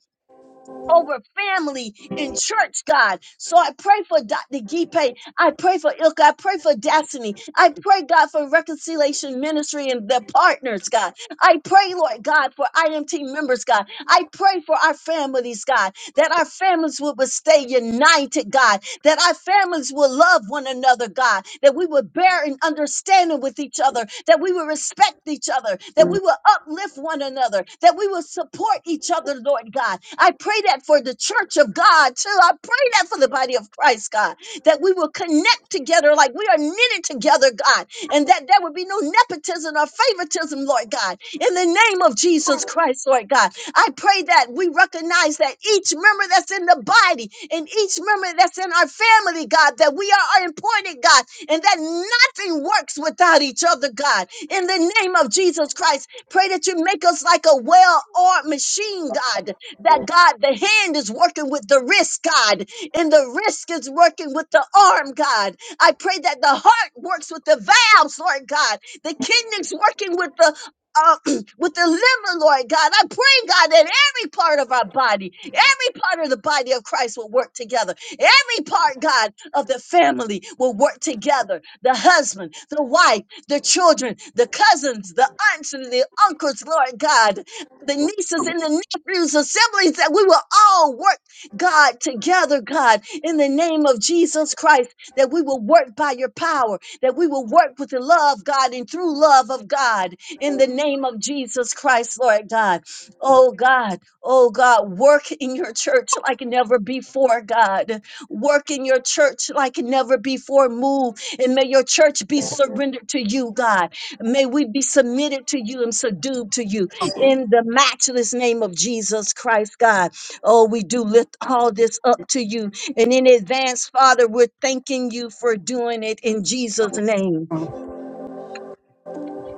S3: over family and church, God. So I pray for Dr. Gipe. I pray for Ilka. I pray for Destiny. I pray, God, for Reconciliation Ministry and their partners, God. I pray, Lord God, for IMT members, God. I pray for our families, God, that our families will will stay united, God that our families will love one another, God, that we will bear an understanding with each other, that we will respect each other, that we will uplift one another, that we will support each other, Lord God. I pray that for the church of God, too. I pray that for the body of Christ, God, that we will connect together like we are knitted together, God, and that there would be no nepotism or favoritism, Lord God, in the name of Jesus Christ, Lord God I pray that we recognize that each member that's in the body and each member that's in our family, God, that we are important, God, and that nothing works without each other, God. In the name of Jesus Christ, pray that you make us like a well oiled machine, God, that God, the hand is working with the wrist, God, and the wrist is working with the arm, God. I pray that the heart works with the valves, Lord God, the kidneys working with the uh, with the liver, Lord God. I pray, God, that every part of our body, every part of the body of Christ will work together. Every part, God, of the family will work together. The husband, the wife, the children, the cousins, the aunts and the uncles, Lord God, the nieces and the nephews, the siblings, that we will all work, God, together, God, in the name of Jesus Christ, that we will work by your power, that we will work with the love, God, and through love of God in the name of Jesus Christ, Lord God. Oh God, oh God, work in your church like never before, God. Work in your church like never before. Move and may your church be surrendered to you, God. May we be submitted to you and subdued to you in the matchless name of Jesus Christ, God. Oh, we do lift all this up to you. And in advance, Father, we're thanking you for doing it in Jesus' name.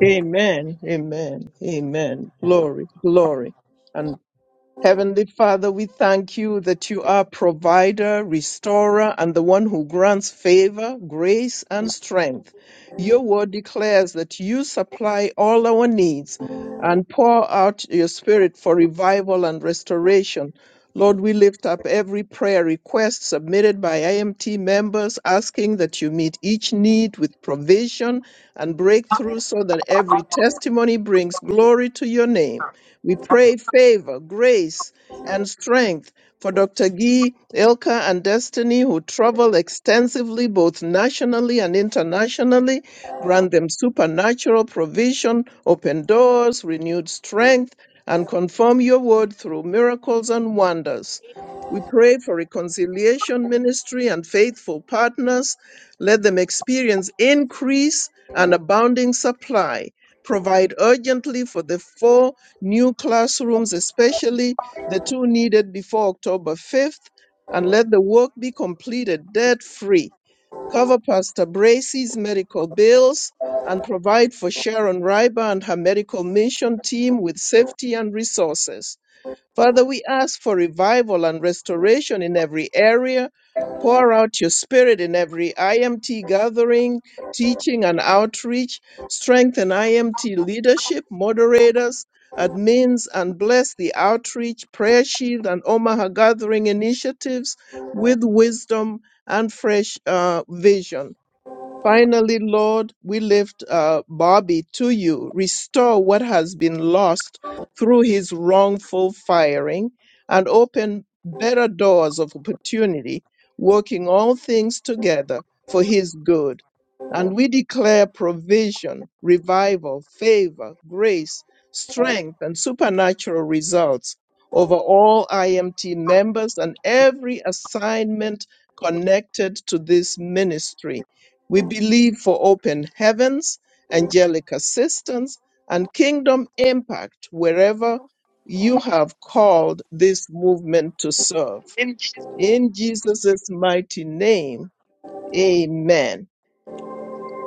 S1: Amen, amen, amen. Glory, glory. And. Heavenly Father, we thank you that you are provider, restorer, and the one who grants favor, grace, and strength. Your word declares that you supply all our needs and pour out your spirit for revival and restoration. Lord, we lift up every prayer request submitted by IMT members, asking that you meet each need with provision and breakthrough so that every testimony brings glory to your name. We pray favor, grace, and strength for Dr. Guy, Ilka, and Destiny, who travel extensively both nationally and internationally. Grant them supernatural provision, open doors, renewed strength, and confirm your word through miracles and wonders. We pray for reconciliation ministry and faithful partners. Let them experience increase and abounding supply. Provide urgently for the four new classrooms, especially the two needed before October 5th, and let the work be completed debt free. Cover Pastor Bracey's medical bills and provide for Sharon Ryber and her medical mission team with safety and resources. Father, we ask for revival and restoration in every area. Pour out your spirit in every IMT gathering, teaching, and outreach. Strengthen IMT leadership, moderators, admins, and bless the outreach, prayer shield, and Omaha gathering initiatives with wisdom and fresh uh, vision. Finally, Lord, we lift uh, Bobby to you. Restore what has been lost through his wrongful firing and open better doors of opportunity, working all things together for his good. And we declare provision, revival, favor, grace, strength, and supernatural results over all IMT members and every assignment connected to this ministry we believe for open heavens, angelic assistance, and kingdom impact wherever you have called this movement to serve. In Jesus' mighty name, amen.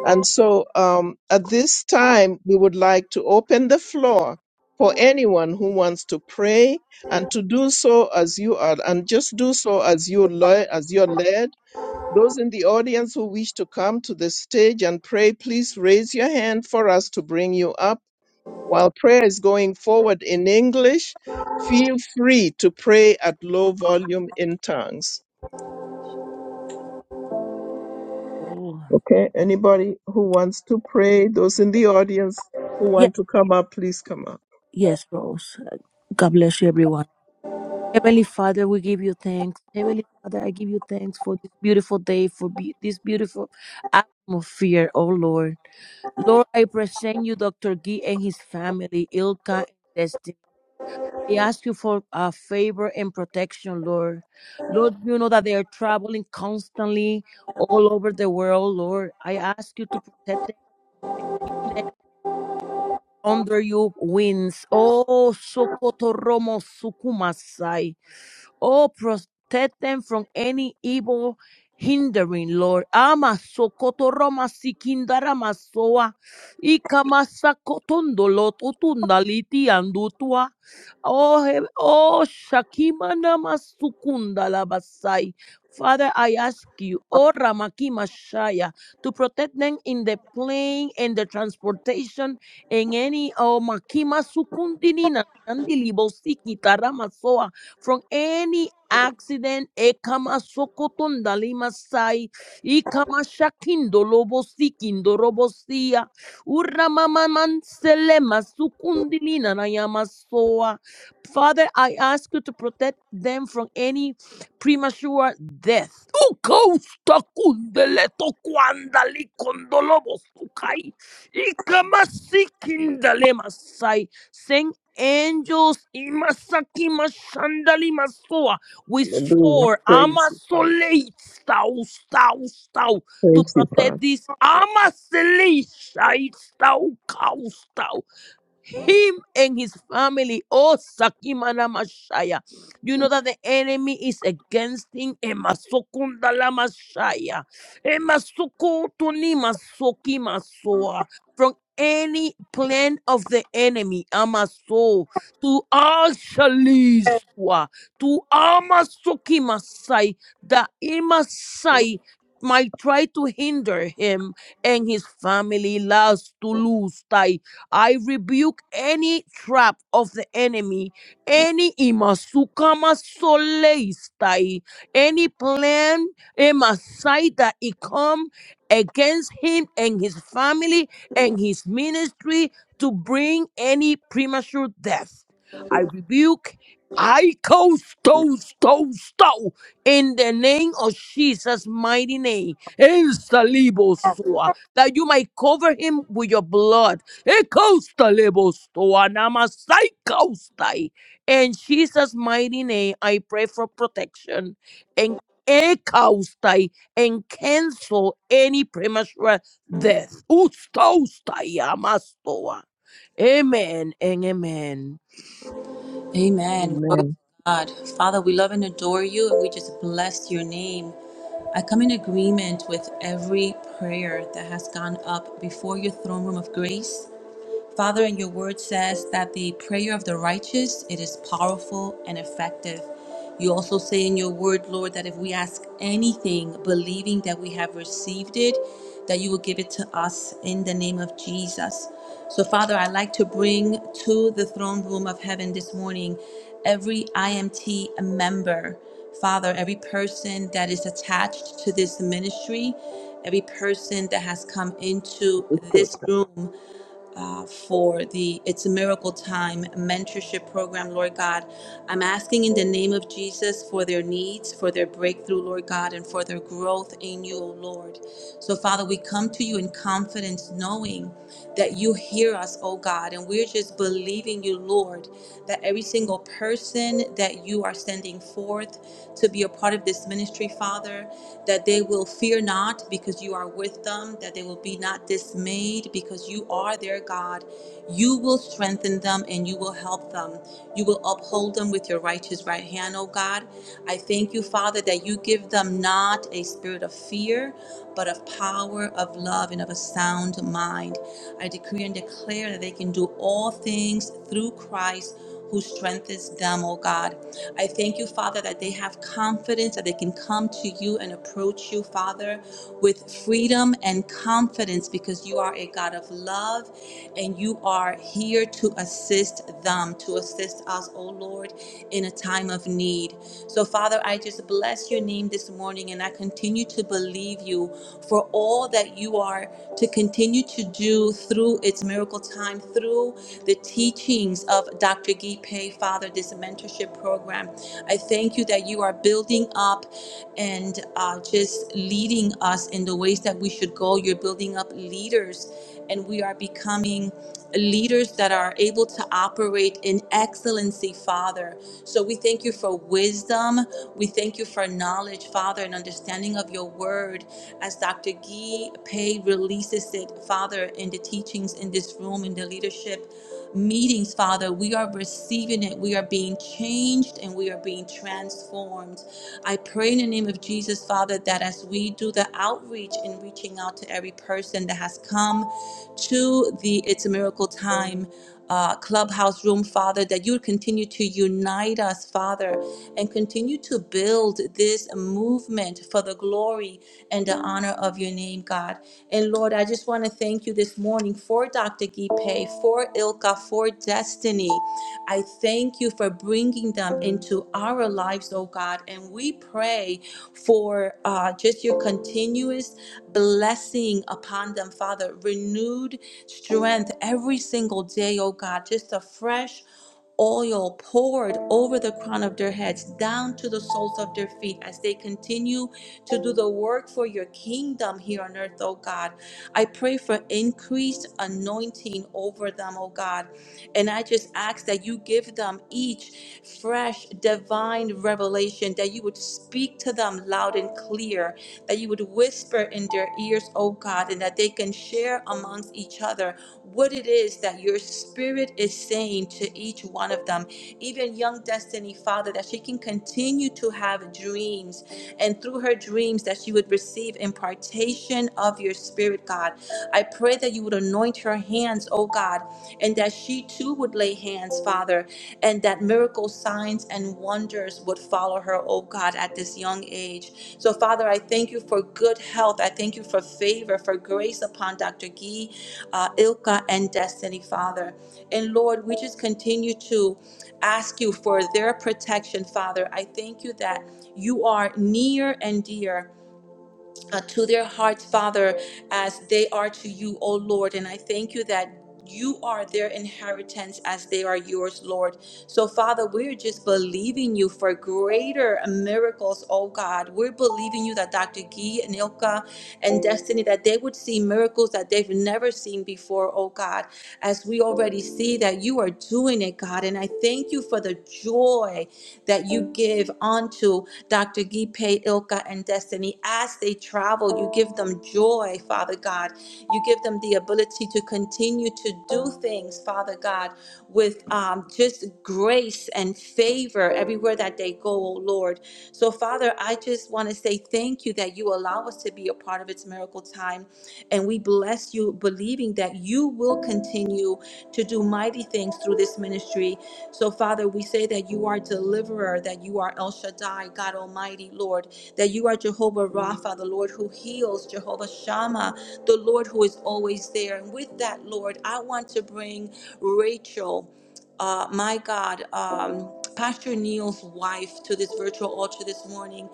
S1: And so um, at this time, we would like to open the floor for anyone who wants to pray and to do so as you are, and just do so as you le- as you're led those in the audience who wish to come to the stage and pray, please raise your hand for us to bring you up. While prayer is going forward in English, feel free to pray at low volume in tongues.
S7: Oh,
S1: Okay, anybody who wants to pray, those in the audience who
S7: yes,
S1: want to come up, please come up.
S7: yes, Rose. God bless you, everyone. Heavenly Father, we give you thanks. Heavenly Father, I give you thanks for this beautiful day, for be- this beautiful atmosphere, oh Lord. Lord, I present you Dr. Gee and his family, Ilka and Destiny. I ask you for uh, favor and protection, Lord. Lord, you know that they are traveling constantly all over the world, Lord. I ask you to protect them and keep them under you wins. Oh, Sokoto Romo Sukumasai. Oh, protect them from any evil hindering, Lord. Ama sokoto roma sikindara masoa. Ikama sakotondo andutua. Oh, he- oh, shakima nama sukunda labasai. Father, I ask you, oh Ramakima Shaya, to protect them in the plane and the transportation and any oh Makima Sukundinina and the Libosiki from any accident. Ekama sokotonda limasai. sai. Ikama shakindo lobo sikindo robo sia. Uramama manselema sukundilina na yama Father, I ask you to protect them from any premature death. Ukausta kundeleto kwandali kondolobo sukai. Ikama sikindale masai. Send angels imasaki mashandali Masoa, we
S1: Hallelujah.
S7: swore
S1: Praise you, Father.
S7: amasolate stau stau stau to
S1: Praise you,
S7: protect
S1: Father.
S7: this amasolate stau Kau stau him and his family. Oh, Sakimana Mashaya. You know that the enemy is against him. Emasokundala Mashaya. Emasokotuni Masoki Masoa. From any plan of the enemy, Amaso, to Ashaliswa, to Amasoki Masai, that Imasai might try to hinder him and his family last to lose I rebuke any trap of the enemy, any imasukama soleistai, any plan, emasai that it come against him and his family and his ministry to bring any premature death. I rebuke. I toast, toast, toast, toast in the name of Jesus' mighty name. El Salibo Sua, That you might cover him with your blood Ekoustalebostoanamasaikoustai. In Jesus' mighty name, I pray for protection and ekaustai and cancel any premature death. Ustoustayamastoa. Amen and amen.
S4: Amen. Glory to
S1: Amen.
S4: God. Father, we love and adore you, and we just bless your name. I come in agreement with every prayer that has gone up before your throne room of grace. Father, and your word says that the prayer of the righteous, it is powerful and effective. You also say in your word, Lord, that if we ask anything, believing that we have received it, that you will give it to us in the name of Jesus. So, Father, I'd like to bring to the throne room of heaven this morning every IMT member, Father, every person that is attached to this ministry, every person that has come into this room uh, for the It's a Miracle Time mentorship program, Lord God. I'm asking in the name of Jesus for their needs, for their breakthrough, Lord God, and for their growth in you, O Lord. So, Father, we come to you in confidence, knowing that you hear us, O God, and we're just believing you, Lord, that every single person that you are sending forth to be a part of this ministry, Father, that they will fear not because you are with them, that they will be be not dismayed because you are their God. You will strengthen them and you will help them. You will uphold them with your righteous right hand, O God. I thank you, Father, that you give them not a spirit of fear, but of power, of love, and of a sound mind. I decree and declare that they can do all things through Christ who strengthens them, oh God. I thank you, Father, that they have confidence that they can come to you and approach you, Father, with freedom and confidence because you are a God of love and you are here to assist them, to assist us, oh Lord, in a time of need. So, Father, I just bless your name this morning and I continue to believe you for all that you are to continue to do through its miracle time, through the teachings of Dr. Vicki Pay, Father, this mentorship program. I thank you that you are building up and uh, just leading us in the ways that we should go. You're building up leaders, and we are becoming leaders that are able to operate in excellency, Father. So we thank you for wisdom. We thank you for knowledge, Father, and understanding of your word as Dr. Gee Pei releases it, Father, in the teachings in this room, in the leadership meetings, Father, we are receiving it. We are being changed and we are being transformed. I pray in the name of Jesus, Father, that as we do the outreach in reaching out to every person that has come to the It's a Miracle time, uh, clubhouse room, Father, that you continue to unite us, Father, and continue to build this movement for the glory and the honor of your name, God. And Lord, I just want to thank you this morning for Dr. Gipe, for Ilka, for Destiny. I thank you for bringing them into our lives, oh God. And we pray for uh, just your continuous blessing upon them, Father. Renewed strength every single day, oh God. Just a fresh oil poured over the crown of their heads down to the soles of their feet as they continue to do the work for your kingdom here on earth, oh God. I pray for increased anointing over them, oh God. And I just ask that you give them each fresh divine revelation, that you would speak to them loud and clear, that you would whisper in their ears, oh God, and that they can share amongst each other what it is that your spirit is saying to each one of them even young Destiny, Father, that she can continue to have dreams and through her dreams that she would receive impartation of your spirit, God. I pray that you would anoint her hands, oh God, and that she too would lay hands, Father, and that miracles, signs, and wonders would follow her follow her, oh God, at this young age. So, Father, I thank you for good health. I thank you for favor, for grace upon Dr. Gee, uh, Ilka, and Destiny, Father. And Lord, we just continue to ask you for their protection, Father. I thank you that you are near and dear uh, to their hearts, Father, as they are to you, O Lord. And I thank you that you are their inheritance as they are yours, Lord. So, Father, we're just believing you for greater miracles, oh God. We're believing you that Dr. Gee and Ilka and Destiny, that they would see miracles that they've never seen before, oh God, as we already see that you are doing doing it, God. And I thank you for the joy that you give onto Dr. Gipe, Ilka, and Destiny as they travel. You give them joy, Father God. You give them the ability to continue to do things, Father God, with um, just grace and favor everywhere that they go, oh Lord. So, Father, I just want to say thank you that you allow allow us to be a part of its miracle time. And we bless you, believing that you will continue to do mighty things through this ministry. So, Father, we say that you are deliverer, that you are El Shaddai, God Almighty, Lord, that you are Jehovah Rapha, the Lord who heals, Jehovah Shammah, the Lord who is always there. And with that, Lord, I want to bring Rachel uh, my God, um, Pastor Neil's wife to this virtual altar this morning.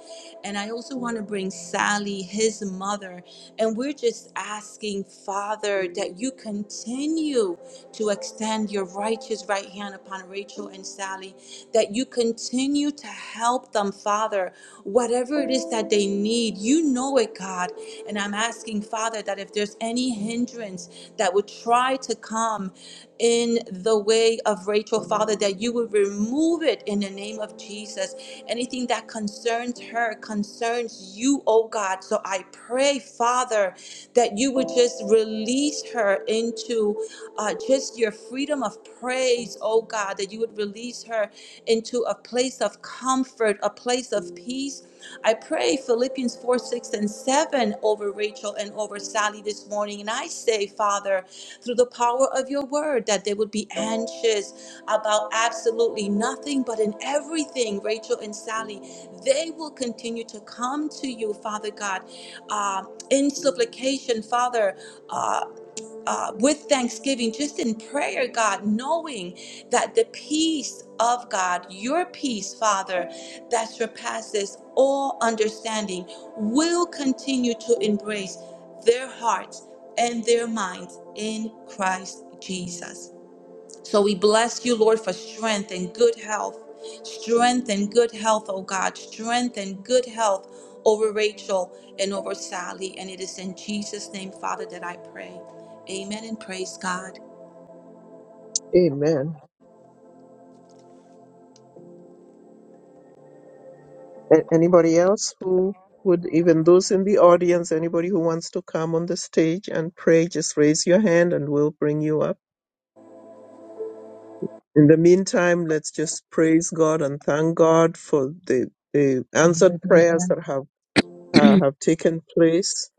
S4: And I also want to bring Sally, his mother. And we're just asking, Father, that you continue to extend your righteous right hand upon Rachel and Sally, that you continue to help them, Father, whatever it is that they need. You know it, God. And I'm asking, Father, that if there's any hindrance that would try to come, in the way of Rachel, Father, that you would remove it in the name of Jesus. Anything that concerns her concerns you, oh God. So I pray, Father, that you would just release her into uh, just your freedom of praise, oh God, that you would release her into a place of comfort, a place of of peace. I pray Philippians 4 6 and 7 over Rachel and over Sally this morning. And I say, Father, through the power of your word, that they would be anxious about absolutely nothing, but in everything, Rachel and Sally, they will continue to come to you, Father God, uh, in supplication, Father. uh, uh, with thanksgiving, just in prayer, God, knowing that the peace of God, your peace, Father, that surpasses all understanding, will continue to embrace their hearts and their minds in Christ Jesus. So we bless you, Lord, for strength and good health. Strength and good health, oh God. Strength and good health over Rachel and over Sally. And it is in Jesus' name, Father, that I pray. Amen and praise God.
S1: Amen. A- Anybody else who would, even those in the audience, anybody who wants to come on the stage and pray, just raise your hand and we'll bring you up. In the meantime, let's just praise God and thank God for the, the answered prayers
S3: Hallelujah.
S1: that have, uh,
S7: [clears throat]
S1: have taken place.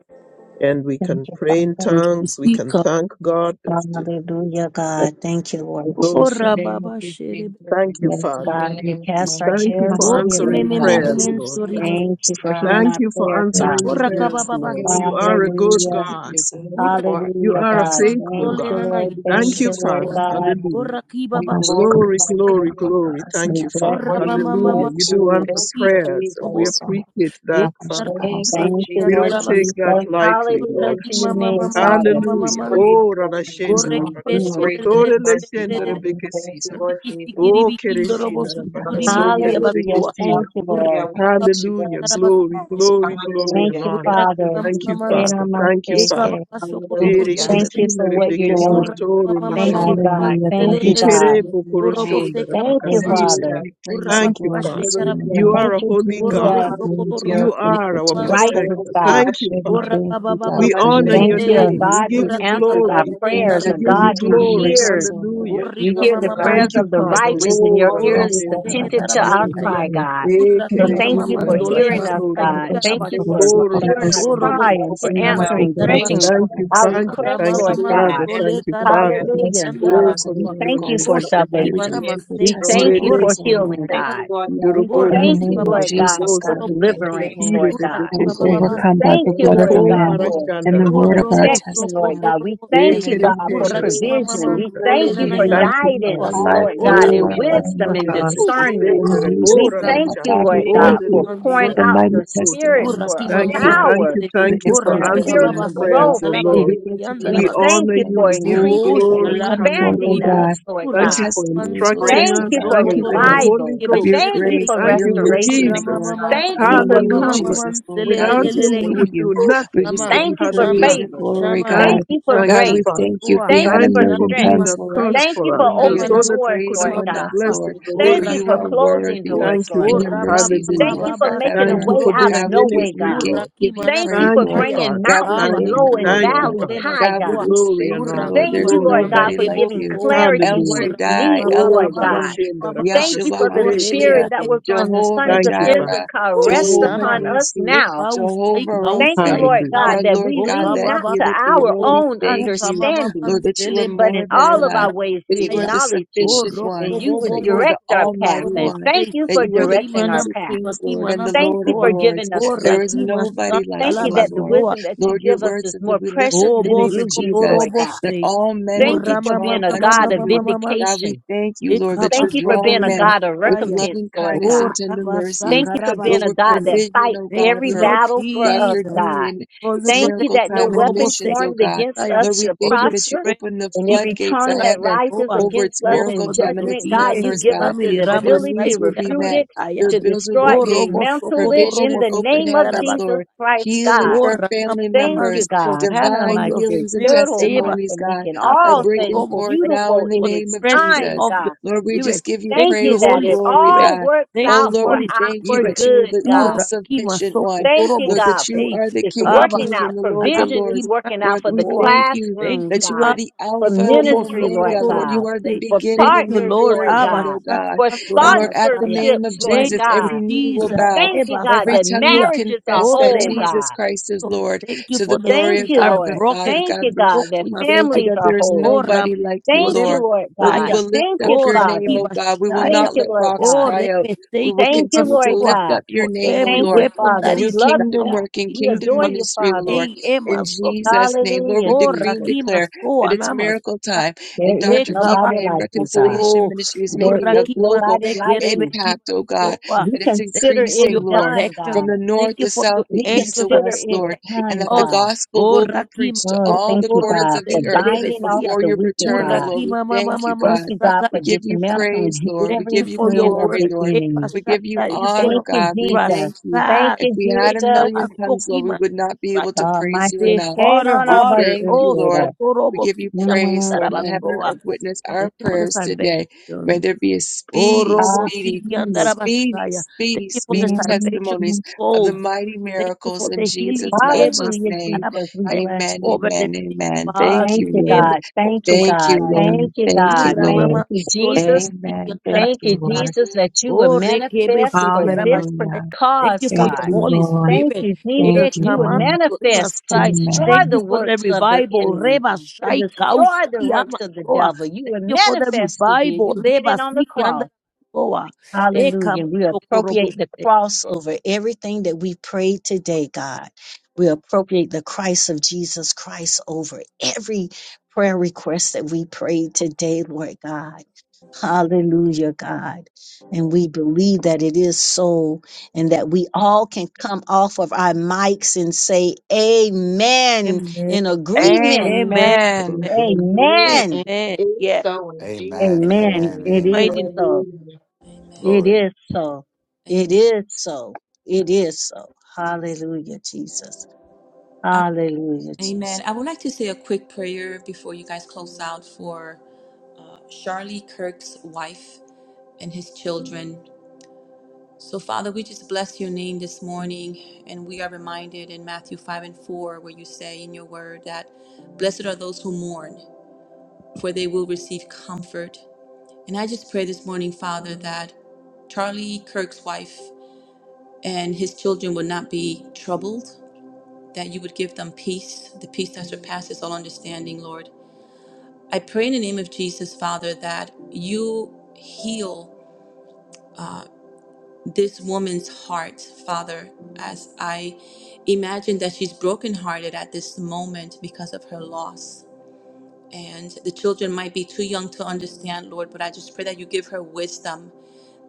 S1: And we
S3: Thank
S1: can
S3: you,
S1: pray in
S3: Father.
S7: Lord, we
S1: tongues. We can
S7: speak up,
S1: thank God. It's the
S3: Hallelujah,
S7: like,
S3: God. Thank you, Lord Jesus.
S7: Ora
S1: devotion.
S8: name of
S7: baba
S8: Jesus, we
S7: shere
S8: bless
S1: Thank you,
S3: Yes,
S1: Father.
S8: your
S3: God, we
S8: name,
S3: cast our
S8: Lord.
S1: Thank you
S3: cares
S1: for
S2: Namaste,
S7: Ora
S3: on you,
S7: me
S3: Lord
S1: answering
S7: me
S8: We
S7: me
S2: Kurumabashta,
S3: God.
S7: me
S1: prayers,
S7: me
S1: Lord.
S8: glorify
S7: sorry
S2: Namaskar,
S8: you,
S7: mas.
S3: Thank you
S2: Namaste.
S3: for
S8: God.
S3: hearing
S1: Thank
S3: our
S1: you for
S3: prayers,
S2: Thank
S1: answering
S3: God.
S2: you,
S7: Ora
S8: We
S7: kaba
S2: Lord.
S1: prayers,
S7: baba
S1: Lord.
S7: seke.
S8: praise
S2: Namaste,
S1: You
S8: you,
S1: are a good
S2: Kurumabashta,
S3: Hallelujah.
S1: God.
S8: you
S2: Namaste.
S8: go
S7: Ora
S8: before us,
S1: You
S8: O
S3: Hallelujah,
S1: are a
S8: God.
S3: God.
S2: Namaste,
S1: faithful
S3: Thank you,
S2: Kurumabashta,
S1: God.
S7: man
S8: We
S3: Lord.
S1: Thank
S2: Kurumabashta,
S3: Thank
S1: you,
S3: you,
S8: bless your
S3: Lord
S1: Father.
S8: name,
S7: Wa-
S2: Namaste.
S8: O
S3: God.
S8: God.
S1: Hallelujah.
S7: Ora kiba
S8: We
S7: ba
S2: Namaste,
S1: Glory,
S8: glorify
S2: Kurumabashta, Kurumabashta,
S8: your
S1: glory,
S8: name, and
S1: glory. Thank
S3: We
S1: you,
S2: Namaste.
S3: bless
S1: Father.
S7: ora
S3: you.
S8: worship
S7: mama
S3: We
S8: you,
S1: Hallelujah.
S7: mama
S3: bless
S8: O
S1: You
S8: God.
S2: Namaste,
S1: do
S3: you.
S1: answer
S8: Thank
S2: Kurumabashta,
S8: you,
S7: kita
S1: prayers,
S2: Kurumabashta,
S1: and
S8: Jesus.
S1: we
S2: Namaste.
S7: boboso.
S1: appreciate that,
S2: Namaste,
S7: Ekar
S1: Father.
S8: Thank
S2: Kurumabashta,
S8: you,
S7: basi
S3: Thank
S2: Kurumabashta,
S3: you,
S1: We
S3: Lord
S7: andara
S1: don't
S8: Jesus.
S1: take
S2: Namaste.
S1: that
S7: baswa.
S3: Jesus.
S8: We give you
S1: lightly,
S7: Ora
S3: Hallelujah
S1: Lord.
S8: praise,
S7: ki
S3: to your
S8: we
S7: mama
S3: name,
S8: thank
S7: mama
S2: Namaste,
S8: you, God.
S3: Father.
S8: We
S7: mama
S8: give you
S2: Kurumabashta,
S1: Hallelujah.
S7: mama
S8: praise,
S2: Kurumabashta,
S1: Oh,
S8: Lord,
S2: Namaste.
S1: Radashenda
S7: ore ki
S2: Namaste,
S8: for
S1: Rabaka
S8: your
S7: beshe
S3: Mhm.
S8: grace and
S2: Thank
S8: your
S1: Sotore
S2: you, Jesus.
S8: mercy,
S1: Leshenda
S8: God. We thank you,
S1: Rebekesita.
S7: uri
S8: Lord Jesus.
S7: bisikiri
S1: Oh,
S7: bikindoro
S1: Kereshina
S7: bosu
S1: Rabaka
S7: kuturi
S1: Sote
S8: Hallelujah.
S7: misiria
S3: Hallelujah.
S7: baswa.
S1: Rebekesina.
S3: Thank you,
S7: Ora
S3: Lord.
S8: Hallelujah. We
S7: baba
S8: thank you, God.
S1: Hallelujah.
S7: sakara basu.
S1: Glory, glory, glory,
S3: Thank
S1: and
S8: Hallelujah.
S3: you,
S1: honor.
S8: Thank
S7: Urraki
S8: you,
S3: Father.
S7: mama
S1: Thank you,
S8: Jesus.
S7: mamans.
S1: Father. Thank you,
S7: Eka
S1: Father.
S3: Thank
S7: baba sokoro
S1: Ere
S8: Hallelujah.
S7: boshere bebe.
S3: you for
S1: keshila
S3: what
S8: Thank
S3: you're
S1: rebeke
S8: you,
S2: Lord,
S3: doing,
S8: Jesus.
S7: Urraka
S1: sotoro
S7: mama
S3: Thank
S7: mama
S3: you,
S1: loshonda.
S7: mama
S8: Hallelujah.
S3: God.
S7: mans.
S2: hallelujah. God,
S3: Thank
S2: we
S3: you,
S2: just
S7: Lelelele.
S3: God.
S1: Ikere
S2: thank
S8: Thank
S2: you, oh
S8: you,
S7: Orobo
S2: God.
S1: pokoroshonda
S7: seka
S8: Jesus.
S3: Thank
S7: mama
S3: you,
S2: Lord, we
S7: mans.
S2: just
S1: rapakasite.
S2: give
S3: Father.
S8: Hallelujah.
S2: you
S7: Urra
S2: praise and
S1: Thank
S7: baba
S1: you,
S2: glory
S1: Father.
S2: this
S7: basheka raba
S2: morning,
S8: Hallelujah.
S1: You
S2: God.
S7: bekia.
S1: are
S3: Thank
S1: a
S3: you,
S1: holy
S2: Thank
S7: Orobo
S1: God.
S3: Jesus.
S2: you, Lord.
S7: sokoto
S2: You
S8: Hallelujah.
S7: robo
S2: are
S1: You are
S2: faithful
S7: sekia
S1: our
S2: to us,
S7: mandora
S8: Oh,
S3: Righteous
S2: Lord.
S1: protector.
S8: we
S7: masai.
S3: God.
S8: bless
S1: Thank you,
S8: your
S2: Lord, we
S1: Father.
S7: Urra
S8: name.
S2: thank
S7: baba
S2: you,
S8: We
S7: baba
S2: God,
S1: We
S8: bless
S2: for your
S8: your
S1: honor
S8: name,
S3: Thank
S1: your
S2: loving
S7: bashelele.
S3: you,
S8: God.
S3: a
S1: name.
S2: kindness,
S1: We
S3: God
S1: give
S3: who
S2: Lord.
S1: you
S7: Urraki
S8: If the
S3: answers
S7: baba
S2: Lord,
S3: our
S1: glory.
S2: we
S8: Lord
S7: basenda
S2: thank
S8: and saying
S3: prayers,
S1: We
S2: you
S8: that
S3: a
S8: you
S2: for
S1: give
S2: your
S1: you
S3: God
S8: know,
S7: namasua
S3: who
S2: tender
S8: God,
S1: glory.
S7: namasai.
S3: hears.
S2: mercies, O
S8: we
S2: Lord.
S1: Hallelujah.
S8: lift
S3: You
S7: Urrika
S8: you up,
S3: hear the
S8: oh
S7: mama
S2: In the
S3: prayers
S8: God.
S2: name
S1: Thank
S2: of
S7: mashara
S1: you,
S3: of the
S7: baba
S1: Father.
S7: ikia.
S8: We
S3: righteous,
S2: Jesus.
S3: and
S1: Oh,
S3: your
S8: exalt
S3: ear
S8: your
S7: Orobo
S3: is
S8: name,
S2: Rasa
S8: oh
S1: Ramachandra
S7: seke
S8: God,
S3: attentive to
S8: and
S2: Parabashi
S8: lift
S3: our
S1: Rambakaso.
S8: you
S7: tarabashaya.
S3: cry,
S8: up.
S2: Kuruke,
S3: God. So
S7: Urraki
S8: Lord,
S3: thank
S7: mama
S2: Rapa
S8: we
S3: you
S8: your
S1: Ekereshina
S3: for
S8: oh
S2: Purisa,
S7: mandolei
S3: hearing us,
S8: God.
S7: masai.
S1: Rambakasotara.
S3: God. Thank
S2: Parabashi,
S3: you
S8: Thank
S7: Yarabashaya.
S3: for
S8: you,
S2: Parasi,
S8: oh
S1: Oh,
S3: hearing
S8: God,
S3: our
S8: that
S7: O
S8: you
S2: Parabasan,
S1: Ramashodri
S7: robo
S8: do
S3: cry and
S8: all
S7: seke
S3: for
S8: things well.
S2: Ramufu
S7: tarabakin
S3: answering,
S8: Thank you,
S3: granting
S2: Parabashi,
S8: God.
S7: darabasoa.
S1: Thank you,
S3: our
S1: Father.
S3: request,
S7: Urama
S8: for
S1: thank
S2: Parasikaras.
S3: Lord
S1: you,
S7: maman
S8: hearing
S3: God.
S8: and
S1: Father,
S7: sole
S1: thank
S8: answering
S1: you,
S8: my
S2: Thank you
S8: prayers.
S2: for
S1: Father.
S7: karabasik
S8: Thank
S3: Hallelujah.
S2: answered
S8: you,
S1: Oh,
S8: God,
S2: prayers and
S3: We
S7: yandarabasoa.
S1: corruption
S3: thank you
S2: miracles.
S7: O
S3: for
S8: for every
S2: God,
S7: shaki
S1: verification.
S2: we
S8: evil
S7: mana
S3: salvation.
S2: thank you
S8: being
S2: for
S3: We
S7: masei.
S3: thank
S8: destroyed.
S3: you
S7: O
S3: for
S2: testimonies, O
S1: Irrelation.
S7: rama
S3: healing,
S2: Lord.
S8: Thank
S7: maman.
S8: you,
S3: God.
S8: Lord God,
S3: We
S7: O
S8: for
S1: Irrobo
S8: the
S2: In the
S3: thank
S7: raki
S8: relief,
S1: question
S3: you,
S2: name of
S7: baba
S3: Lord
S7: baba
S3: God,
S8: Lord
S2: Jesus,
S7: soko
S3: for
S8: God,
S1: robocosa.
S2: God, we
S8: in
S7: robo
S2: thank
S8: the
S7: shei.
S2: you,
S8: name
S3: deliverance,
S8: of
S2: Lord,
S1: Ire
S7: O
S3: Lord
S8: Jesus.
S3: God.
S7: raki
S2: that we
S7: baba
S1: replication.
S7: baba
S3: We
S2: overcome by
S7: saka
S3: thank
S2: the
S3: you,
S8: Thank you
S2: blood of the
S3: Lord
S8: for
S1: Ko
S3: God,
S2: Lamb
S7: mandarabasoa.
S8: healing in
S3: for
S8: the
S2: and
S1: barashanda
S2: the
S8: name
S7: O
S8: of
S2: word of
S8: Jesus.
S2: our
S7: robo
S1: rapakasite.
S3: protection,
S7: soko
S3: Lord
S7: to
S3: God.
S2: testimony.
S3: We
S7: robo sei.
S2: In
S3: thank
S2: the
S3: you, God,
S2: name
S7: O
S2: of
S3: for
S1: Ekereshenda
S7: raki
S8: Hallelujah.
S7: mama
S2: Jesus,
S3: provision.
S7: man
S3: We
S1: rapakasota.
S7: sole
S3: thank
S2: and that
S3: you
S7: nana
S2: we
S3: for
S8: Hallelujah.
S7: yana
S2: love
S1: Thank you,
S2: you,
S7: masoa.
S2: our
S1: Father.
S3: guidance,
S2: lives
S3: Lord
S7: O
S3: God,
S2: unto
S7: rama
S1: Oh,
S3: and
S2: our
S7: baba
S8: Hallelujah.
S2: own,
S7: kiba.
S3: wisdom
S2: O
S1: parasinde
S3: and
S2: God.
S7: O shaki
S3: discernment.
S7: ma.
S1: rembekesete
S2: In
S8: Hallelujah.
S3: We
S2: Jesus'
S1: rebora
S2: name,
S3: thank
S2: Lord
S3: you,
S1: lachanda
S2: God, we
S3: Lord
S8: Thank
S3: God,
S2: thank
S1: rebora
S7: Leka
S8: you,
S3: for
S2: you
S7: man
S8: Lord
S3: pouring
S7: sole
S1: listina
S8: God.
S2: for
S3: out
S2: mighty
S3: your
S7: masua.
S1: rapakasota.
S3: spirit
S7: Ura
S2: testimonies
S3: for
S2: coming
S1: Thank
S7: mama
S1: you,
S8: Thank
S2: forth.
S8: you,
S1: thank
S3: power
S1: you,
S8: Lord
S7: mante.
S2: Lord,
S1: thank
S8: Jesus,
S1: you
S2: It's
S8: for
S1: for
S7: Ura
S3: and
S8: the
S7: kima
S2: miracle
S8: relief,
S7: baba
S1: answering
S2: time,
S3: spiritual
S8: Lord
S2: Lord.
S8: God.
S1: prayers,
S3: growth.
S7: shanda
S1: O
S7: la
S8: Thank
S2: And
S1: Lord.
S2: we
S3: And
S8: you, Lord
S2: thank you for
S3: we
S2: the
S1: We
S8: Jesus.
S3: thank
S1: honor
S3: you
S1: you.
S3: for
S1: We
S2: testimonies,
S1: give
S2: Lord,
S1: you
S7: Oh,
S8: We
S3: increasing
S2: that
S3: and
S2: will
S8: bless
S1: glory.
S7: shalai
S2: come
S8: your name,
S2: forth,
S8: Lord.
S2: oh
S3: expanding
S7: shaliba.
S1: Hallelujah.
S3: us,
S8: God.
S2: God.
S3: Lord
S2: The
S1: Thank you
S3: God.
S7: Urama
S1: for
S2: testimonies will
S7: manso.
S1: instructing
S8: Praise
S3: Thank
S8: the
S1: us.
S3: you
S2: testify
S8: name,
S2: of
S3: for
S1: Thank
S8: Lord
S2: your
S1: you
S7: Sokoto
S1: for the
S8: God.
S7: robo
S2: goodness,
S1: Holy
S3: revival.
S7: seke
S2: of your
S1: Ghost.
S7: beshere
S3: Thank
S8: We
S3: you
S2: grace,
S3: for
S2: of
S7: bebekia.
S8: praise
S1: Thank
S2: your
S1: you for
S8: the
S2: mercy,
S3: restoration.
S2: oh
S8: name
S7: Urama
S8: of
S1: Jesus.
S2: Lord.
S7: mama
S8: God.
S7: mama
S3: Thank
S2: In
S3: you
S2: the
S7: mama
S3: for
S2: name of
S8: Hallelujah.
S7: mama
S1: Hallelujah.
S3: comfort.
S2: Jesus, Lord God, we
S1: Without
S2: just
S1: him,
S7: manselelelelele.
S1: we
S2: thank
S3: [clears throat]
S1: would
S2: you.
S1: do
S7: Oh,
S2: We
S1: nothing,
S2: just
S7: shama
S2: give
S1: Lord.
S2: you
S3: Thank you for
S7: shama
S2: praise
S1: Hallelujah.
S2: and
S3: favor.
S2: glory,
S7: shama
S1: Thank
S2: God.
S3: Thank
S1: you.
S3: you for
S7: shama
S1: Thank
S2: God,
S1: you,
S7: na
S2: we
S3: grace.
S1: Father.
S2: thank you. If
S7: masoa.
S2: we
S3: Thank
S2: had
S3: you
S2: a
S1: Thank
S3: for
S1: you for
S7: Shama
S2: million
S7: na
S3: strength.
S1: being
S2: tongues,
S1: a
S2: Lord,
S7: masai.
S1: curse
S3: Thank you
S2: we
S1: for
S3: for
S1: us
S2: wouldn't be
S7: Shama
S2: able
S7: na
S3: open
S1: so
S2: to
S1: that
S3: doors,
S1: we
S7: makina
S1: could
S2: praise
S7: na
S3: Lord
S2: you
S1: have the
S3: God.
S2: enough,
S7: masoa.
S2: Lord
S1: blessings of
S7: Oh,
S2: for
S3: Thank you
S2: you
S3: for
S2: are
S1: Abraham.
S7: rakama
S3: closing
S7: manso.
S2: worthy
S3: doors,
S1: Thank you,
S3: Lord
S7: Oh,
S2: and your
S1: Lord.
S7: raba
S2: mercies
S7: baba
S3: God. Thank
S1: Hallelujah.
S7: baba,
S2: endure
S3: you for
S7: ba
S3: making a
S1: Thank
S2: forever.
S7: soto
S1: you
S3: way
S1: for
S7: robo
S3: out
S1: this
S3: of
S2: God, we
S7: se.
S3: no
S2: get,
S3: way,
S1: ministry,
S2: we
S3: God.
S1: Lord.
S2: give, give you
S7: Urakima na
S3: Thank you
S2: praise,
S3: for
S1: Thank you,
S2: Lord.
S7: masaya.
S3: bringing
S1: Father.
S2: God, we
S3: mountains
S7: Aba
S1: Thank
S2: thank
S1: you.
S3: low
S7: shaka
S2: you, oh
S3: and
S1: Thank you,
S2: Lord.
S7: manso
S3: valleys
S7: le
S1: Father.
S3: high,
S2: God, we
S7: masoa.
S3: God.
S2: just
S1: Glory
S2: thank
S1: and
S2: you,
S1: honor.
S2: Lord.
S7: Uraki
S3: Thank
S2: There's
S3: you,
S7: mana
S1: Glory
S3: Lord
S1: and honor.
S3: God,
S2: nobody
S3: for
S2: like
S7: mandelebo
S3: giving
S2: you.
S7: soa.
S3: clarity
S2: El
S3: where
S1: Hallelujah.
S3: it's
S7: Uraki
S2: Shaddai,
S3: needed,
S7: baba
S1: Oh,
S3: Lord
S7: baba baba
S3: God.
S2: Elohim,
S1: Varashinda
S7: baba baba.
S3: Thank you
S2: Yeshua
S3: for the
S7: O
S1: Rabakasete
S3: spirit
S2: HaMashiach,
S7: rebebebe
S3: that
S1: Bakashon.
S3: was
S7: ki
S3: on
S7: basi
S3: the
S2: Jehovah
S3: sons
S1: Thank
S3: of
S1: you,
S7: yandarama.
S1: Father.
S2: Jireh,
S3: Issachar. Rest
S1: Glory,
S2: Jehovah
S7: Ushama.
S3: upon
S1: glory.
S3: us
S7: Se
S2: Nisi,
S3: now.
S7: kausai
S2: Jehovah
S3: Thank you,
S7: kausai
S2: Rophe,
S3: Lord
S1: Hallelujah.
S7: sau.
S3: God,
S2: our
S3: that
S2: Lord
S3: we
S7: O
S2: God
S3: lean
S2: that
S3: not
S7: kababa
S3: to
S2: healeth thee.
S3: our
S7: soto.
S2: Lord, we
S3: own
S2: thank
S7: Uka
S2: you,
S7: mama
S3: understanding,
S2: Lord, that you
S7: mansele
S2: are
S3: but in
S2: more than
S7: masi
S3: all of
S2: enough,
S3: our
S7: yandaraya.
S3: ways
S2: that
S3: we
S2: you are the
S3: acknowledge you
S7: O
S2: sufficient
S7: roko
S2: one
S3: and you
S7: bobo
S3: would
S2: that you
S7: bo
S2: are the
S3: direct our
S7: soko
S3: path.
S2: Almighty
S7: robo
S3: And
S2: One,
S3: thank
S7: sei.
S3: you
S2: that
S3: for
S2: you are the
S7: Uri
S3: directing
S7: mana
S3: our
S2: Kings of
S7: mani
S3: path.
S2: Kings,
S7: maki
S2: Lord,
S7: mana
S2: and the
S3: Thank
S2: Lord
S3: you
S2: of
S7: masoa.
S3: for
S2: Lords.
S3: giving us
S7: O
S2: There is
S7: raki
S3: wisdom.
S2: nobody
S7: masanda
S2: like
S3: Thank
S7: la
S2: you,
S3: you
S2: O
S3: that the
S2: Lord.
S7: basoa.
S3: wisdom that you
S2: Lord, your
S3: give us
S2: word
S3: is
S2: says
S3: more
S2: that we lift up
S3: precious
S2: the
S3: than
S7: Robo
S2: name of
S3: rubies,
S7: soto
S2: Jesus,
S3: Lord
S7: robo
S3: God.
S2: that
S7: se.
S2: all men will
S3: Thank you
S2: be
S3: for
S7: Urama
S2: drawn
S3: being a
S7: mama
S2: unto
S7: mama
S3: God of
S7: mama
S2: you.
S7: mama.
S2: God, we
S3: vindication.
S2: thank you, Lord,
S7: Eka
S2: that you're
S3: Thank you
S7: basto
S3: for being
S2: drawing
S3: a
S7: korriba
S2: men
S3: God of
S2: with
S7: saya.
S3: recompense,
S2: loving
S3: Lord
S2: kindness
S3: God.
S2: and
S7: Ora
S2: tender
S7: basta
S3: Thank
S2: mercies.
S3: you for
S7: karaba
S3: being
S2: Lord,
S3: a
S2: with
S3: God that
S2: provision,
S3: fight
S2: O
S7: Thank
S2: God,
S7: you,
S3: every
S2: for
S7: Lord
S3: battle for us,
S2: Dr.
S7: Jesus,
S2: D
S3: God.
S2: and
S7: for
S2: it's
S7: your
S3: Thank you
S2: miracle
S3: that
S7: protection.
S3: no
S2: time and
S7: Robo
S3: weapon
S2: missions, O
S7: seke
S3: formed
S2: God.
S3: against
S7: saya.
S2: Lord,
S3: us
S2: we
S3: shall
S7: For
S2: thank you
S7: the
S2: that you
S3: prosper.
S7: strength
S2: open the
S3: And every
S7: seeking
S2: floodgates of
S3: tongue
S7: that
S3: that
S2: heaven
S3: rises
S2: over
S3: against
S2: its
S3: us
S7: Oh,
S2: miracle
S3: in
S7: for
S2: time and
S7: Dr.
S2: its
S3: judgment,
S7: B
S3: God,
S7: and
S3: you
S2: members,
S7: his
S3: give us
S2: God,
S3: the
S7: family.
S2: that
S7: Rama
S2: their
S3: ability to
S7: sai
S2: needs will be
S7: kiara
S3: refute
S2: met,
S3: it,
S2: their
S7: basaya.
S3: to
S2: bills will
S3: destroy
S2: be
S3: it,
S7: Oh,
S2: paid,
S7: robo
S3: dismantle it
S7: sokoto
S2: provision
S3: in
S7: robo
S2: and
S3: the
S2: open
S3: name of
S2: heavens,
S7: siki
S3: Jesus
S2: Lord,
S3: Christ, God.
S2: healing
S7: Oh,
S2: for family
S3: Thank you,
S2: members,
S7: Ramamamanso,
S3: God.
S7: for
S2: divine
S7: your
S2: healings and
S7: spirit,
S3: Hanamashikirobas,
S7: Eba,
S2: testimonies,
S3: For
S2: God,
S3: making
S2: are
S7: Baso,
S3: all things
S2: breaking
S7: Kurobo,
S2: forth
S7: say,
S2: now in
S3: beautiful
S2: the
S7: for
S3: in
S7: the
S2: name
S3: its
S2: of
S7: freshness
S3: time,
S2: Jesus.
S7: of your
S3: God.
S2: Lord, we just
S7: spirit.
S2: give you
S3: Thank
S7: Thank
S3: you
S7: you,
S2: praise
S3: that
S2: and
S7: Holy
S3: it
S2: glory,
S7: Spirit.
S3: all
S2: God.
S3: works
S7: Thank
S2: Oh
S3: out
S7: you,
S3: for
S2: Lord, we
S7: Holy
S2: thank you
S3: our
S2: that
S7: Spirit.
S2: you are
S3: good,
S2: the
S7: Oh,
S2: all
S3: God.
S7: Rakima,
S2: sufficient
S7: Soko,
S2: one.
S3: Thank you,
S7: Kurobo,
S2: Lord, that
S3: God.
S2: you
S7: say,
S2: are the
S3: It's
S2: King of
S7: Abba,
S3: working
S2: kings
S3: out.
S2: and the Lord
S7: Shakaraba,
S2: of
S3: Provision is
S2: lords.
S7: Kima, Nama,
S3: working out
S2: Lord,
S3: for
S2: we
S3: the
S2: thank you
S3: classrooms,
S7: Thank you,
S2: that you are
S3: God.
S7: Abba,
S2: the
S3: For
S2: Alpha and the
S7: Sorobo,
S3: ministry,
S7: Soko,
S3: Lord
S2: Omega, Lord.
S7: Kurobo,
S3: God.
S2: You are the
S7: say,
S3: For
S2: beginning
S7: thank
S2: and
S7: you,
S2: the
S3: partners,
S7: Lord,
S3: Lord
S2: very
S7: Abba,
S2: end,
S3: God.
S2: oh God.
S3: For
S7: Shakamando,
S2: And Lord, at the
S7: Ramasaya.
S2: name
S3: sponsorships,
S2: of
S3: Lord
S7: Thank
S2: Jesus,
S7: you,
S2: every
S3: God.
S2: knee will
S7: Jesus,
S2: bow,
S3: Thank you,
S7: Eba,
S3: God,
S2: every
S3: that
S2: tongue will
S7: Saikia.
S3: marriages are
S2: confess
S7: Oh,
S2: that
S3: whole,
S7: Rema,
S3: God.
S2: Jesus Christ is
S7: so
S2: Lord.
S7: Thank you
S2: To the
S7: for the
S2: glory
S3: Thank
S7: chains
S2: of
S3: you,
S7: are
S2: God
S3: Lord.
S2: the Father,
S7: broken.
S3: Thank
S2: God,
S3: you,
S2: we
S7: So
S3: God, that
S2: we thank you
S7: Masai.
S3: families
S2: that
S3: are
S2: there is
S3: whole.
S7: Oh
S2: nobody
S7: Ram
S2: like you,
S3: Thank
S7: Sole
S3: you,
S2: Lord.
S3: Lord
S2: But we
S3: God.
S7: Masaya.
S2: will lift
S3: Thank
S2: up
S3: you,
S7: Oh
S2: your name,
S3: Father.
S2: oh
S7: Rakiba
S2: God. We will
S7: Shaya.
S3: Thank
S2: not
S3: you,
S2: let
S3: Lord
S2: rocks
S3: God.
S7: Oh
S2: cry out.
S7: Rebe
S2: We will
S7: Seikia
S3: Thank you,
S2: continue to
S3: Lord
S7: Masoa.
S2: lift
S3: God.
S2: up your
S7: For
S2: name, oh
S7: every
S3: Thank you,
S2: Lord,
S7: weapon
S2: to
S3: Father.
S7: that
S3: We
S2: do
S7: is
S3: love you,
S2: kingdom
S7: down in
S3: God.
S2: work and
S3: We
S7: Jesus'
S2: kingdom
S3: adore
S7: mighty
S3: you,
S2: ministry, oh
S3: Father.
S2: Lord
S7: name.
S2: in
S7: Ema Sokima.
S2: Jesus' name, Lord, we
S3: Hallelujah,
S7: Oh
S2: decree and
S3: Jesus.
S7: Rakima
S2: declare that
S7: Soa
S2: it's miracle
S7: Namasaya.
S2: time. And
S3: There is
S2: Dr. Gipe
S3: nobody
S2: and
S3: like you, God.
S2: Reconciliation
S7: Ekabakotoro,
S2: Ministry is
S3: There
S2: making a
S3: is
S2: global
S3: nobody like you.
S2: impact, oh God,
S7: urakimasekerebekimasoa.
S3: We
S2: that it's
S7: Thank you
S3: consider
S7: for
S2: increasing,
S7: your
S3: it
S2: Lord,
S3: done,
S7: protection.
S2: from
S3: God.
S2: the north,
S7: Thank you
S2: the
S7: for
S2: south,
S7: your
S2: the
S3: We
S2: east, the
S7: angels that
S3: consider
S7: are
S2: west,
S3: it
S2: Lord,
S7: protecting
S2: and
S3: done,
S2: that the
S7: us.
S3: God.
S2: gospel
S7: Oh,
S2: will be
S7: Rakima,
S2: preached to
S3: Lord,
S7: so
S2: all
S3: thank
S2: the
S3: you,
S7: Kotorobo,
S2: corners
S3: God,
S2: of
S3: for
S2: the earth
S3: binding off
S7: Sendelebesia,
S2: before
S3: the
S2: your
S3: wicked,
S2: return, oh
S3: God.
S2: Lord. We
S7: Urakima, Mama,
S2: thank you,
S7: Mama,
S3: Thank
S2: God.
S3: you, God, for
S2: We give you
S7: Sakarabashaya.
S2: praise,
S3: dismantling
S2: Lord.
S7: Thank
S2: We
S7: you
S3: every
S2: give you
S7: for your
S3: plan of
S2: glory,
S3: the
S7: word,
S2: Lord.
S3: enemy.
S2: We
S7: Ebashai,
S2: give you
S7: that is going
S2: honor,
S3: Thank
S7: to
S3: you,
S2: God. We
S3: Jesus.
S2: thank you.
S3: Thank
S7: prosper.
S2: If
S3: you,
S2: we had a
S3: Jesus.
S2: million tongues, Lord, we
S7: Ekabasokima,
S2: would not be able
S7: Namashaya.
S2: to
S3: Oh, my
S2: praise you
S7: The
S3: shit.
S2: enough.
S3: Okay,
S7: harder,
S3: no,
S2: We
S3: no, but
S7: harder.
S2: thank
S3: you
S2: you,
S7: Oh,
S3: did
S2: Lord.
S3: it.
S2: We
S7: Sotorobo,
S2: give you
S7: Sikama,
S2: praise, Lord. Let
S3: Mm-mm.
S2: heaven and
S7: Sarabasoa.
S2: earth witness our
S7: Thank you for the
S2: prayers today. May
S7: salvation.
S2: there be a
S7: Oh,
S2: speedy,
S7: Robo
S2: speedy,
S7: Siki
S3: Hallelujah.
S2: speedy,
S7: Andarabashaya.
S2: speedy,
S7: Thank you for the
S2: speedy
S7: salvation of
S2: testimonies
S3: Mm-mm.
S2: of the
S7: souls.
S2: mighty
S7: Thank you
S2: miracles
S7: for
S2: in
S7: the
S2: Jesus'
S7: healing. Ema
S2: matchless
S3: Hallelujah,
S2: name.
S3: Jesus. We
S7: Sakarabashaya.
S3: bless
S2: Amen,
S3: you.
S7: Over the
S2: amen,
S7: sick
S2: amen. Thank
S3: Thank
S7: body.
S2: you,
S3: you,
S2: Lord.
S7: Ebo
S3: God. Thank you,
S2: Thank
S3: God.
S2: you,
S7: Sokarabashaya.
S3: Thank
S2: Lord.
S3: you,
S2: Thank you,
S3: God.
S7: Ura
S3: Thank
S2: Lord.
S7: Mama
S3: you,
S7: Sole
S3: Jesus.
S7: Siki
S2: Amen. Thank
S3: Thank
S2: you,
S3: you,
S7: Andarabashaya.
S2: Lord.
S3: Jesus, that you will
S7: Oh, rekebe
S3: manifest for
S7: sekiara
S3: this
S7: bashaya.
S2: Hallelujah.
S7: Thank you
S3: cause,
S7: for
S2: Thank
S7: your
S3: God.
S2: you,
S7: Holy
S2: Lord.
S3: Thank
S7: Spirit.
S3: you,
S2: Thank
S7: Eh,
S3: Jesus.
S2: you,
S3: You
S7: come
S3: would
S7: on,
S2: Lord.
S3: manifest to
S7: Rimasai.
S3: destroy
S7: Thank
S3: the
S2: Amen.
S7: you for the
S3: works of the
S7: revival.
S3: enemy,
S7: Reba
S3: to
S7: shai
S3: destroy
S7: kausa
S3: the works
S7: yama
S3: of the devil. You
S7: Thank
S3: were
S7: you for the
S3: manifested it.
S7: revival.
S3: You did
S7: Reba
S3: it on the
S7: siki anda
S3: cross.
S7: soa. Eh, come
S3: Hallelujah.
S7: on,
S3: We appropriate the cross over everything that we prayed today, God. We appropriate the Christ of Jesus Christ over every prayer request that we prayed today, Lord God. Hallelujah, God. And we believe that it is so, and that we all can come off of our mics and say, Amen,
S7: Amen.
S3: in agreement.
S7: Amen.
S2: Amen.
S8: Amen.
S3: Amen.
S8: And it
S7: Amen.
S8: is
S7: Yeah.
S8: so in Jesus'
S7: In
S5: Amen.
S3: Amen.
S5: Amen. Amen.
S8: name.
S3: It
S7: Jesus'
S3: is
S7: mighty
S5: Amen.
S7: name.
S3: so.
S8: Hallelujah.
S3: It
S5: Glory.
S3: is so. It
S4: Amen.
S3: is so. It is so. Hallelujah, Jesus.
S4: I-
S3: Hallelujah,
S4: Amen.
S3: Jesus.
S4: I would like to say a quick prayer before you guys close out for uh, Charlie Kirk's wife and his children. So, Father, we just bless your name this morning, and we are reminded in Matthew 5 and 4, where you say in your word that blessed are those who mourn, for they will receive comfort. And I just pray this morning, Father, that Charlie Kirk's wife and his children would not be troubled, that you would give them peace, the peace that surpasses all understanding, Lord. I pray in the name of Jesus, Father, that you heal this woman's heart, Father, as I imagine that she's brokenhearted at this moment because of her loss. And the children might be too young to understand, Lord, but I just pray that you give her wisdom,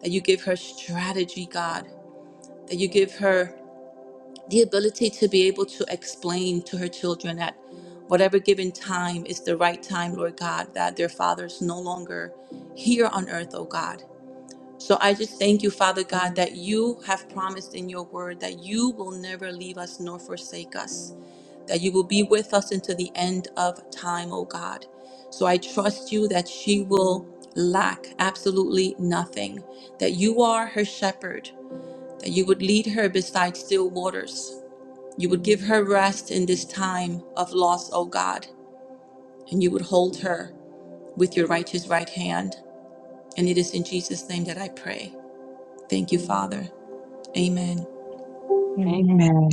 S4: that you give her strategy, God, that you give her the ability to be able to explain to her children at whatever given time is the right time, Lord God, that their father's no longer here on earth, oh God so I just thank you, Father God, that you have promised in your word that you will never leave us nor forsake us, that you will be with us until the end of time, oh God. So I trust you that she will lack absolutely nothing, that you are her shepherd, that you would lead her beside still waters. You would give her rest in this time of loss, oh God, and you would hold her with your righteous right hand. And it is in Jesus' name that I pray. Thank you, Father. Amen.
S3: Amen.
S2: Amen.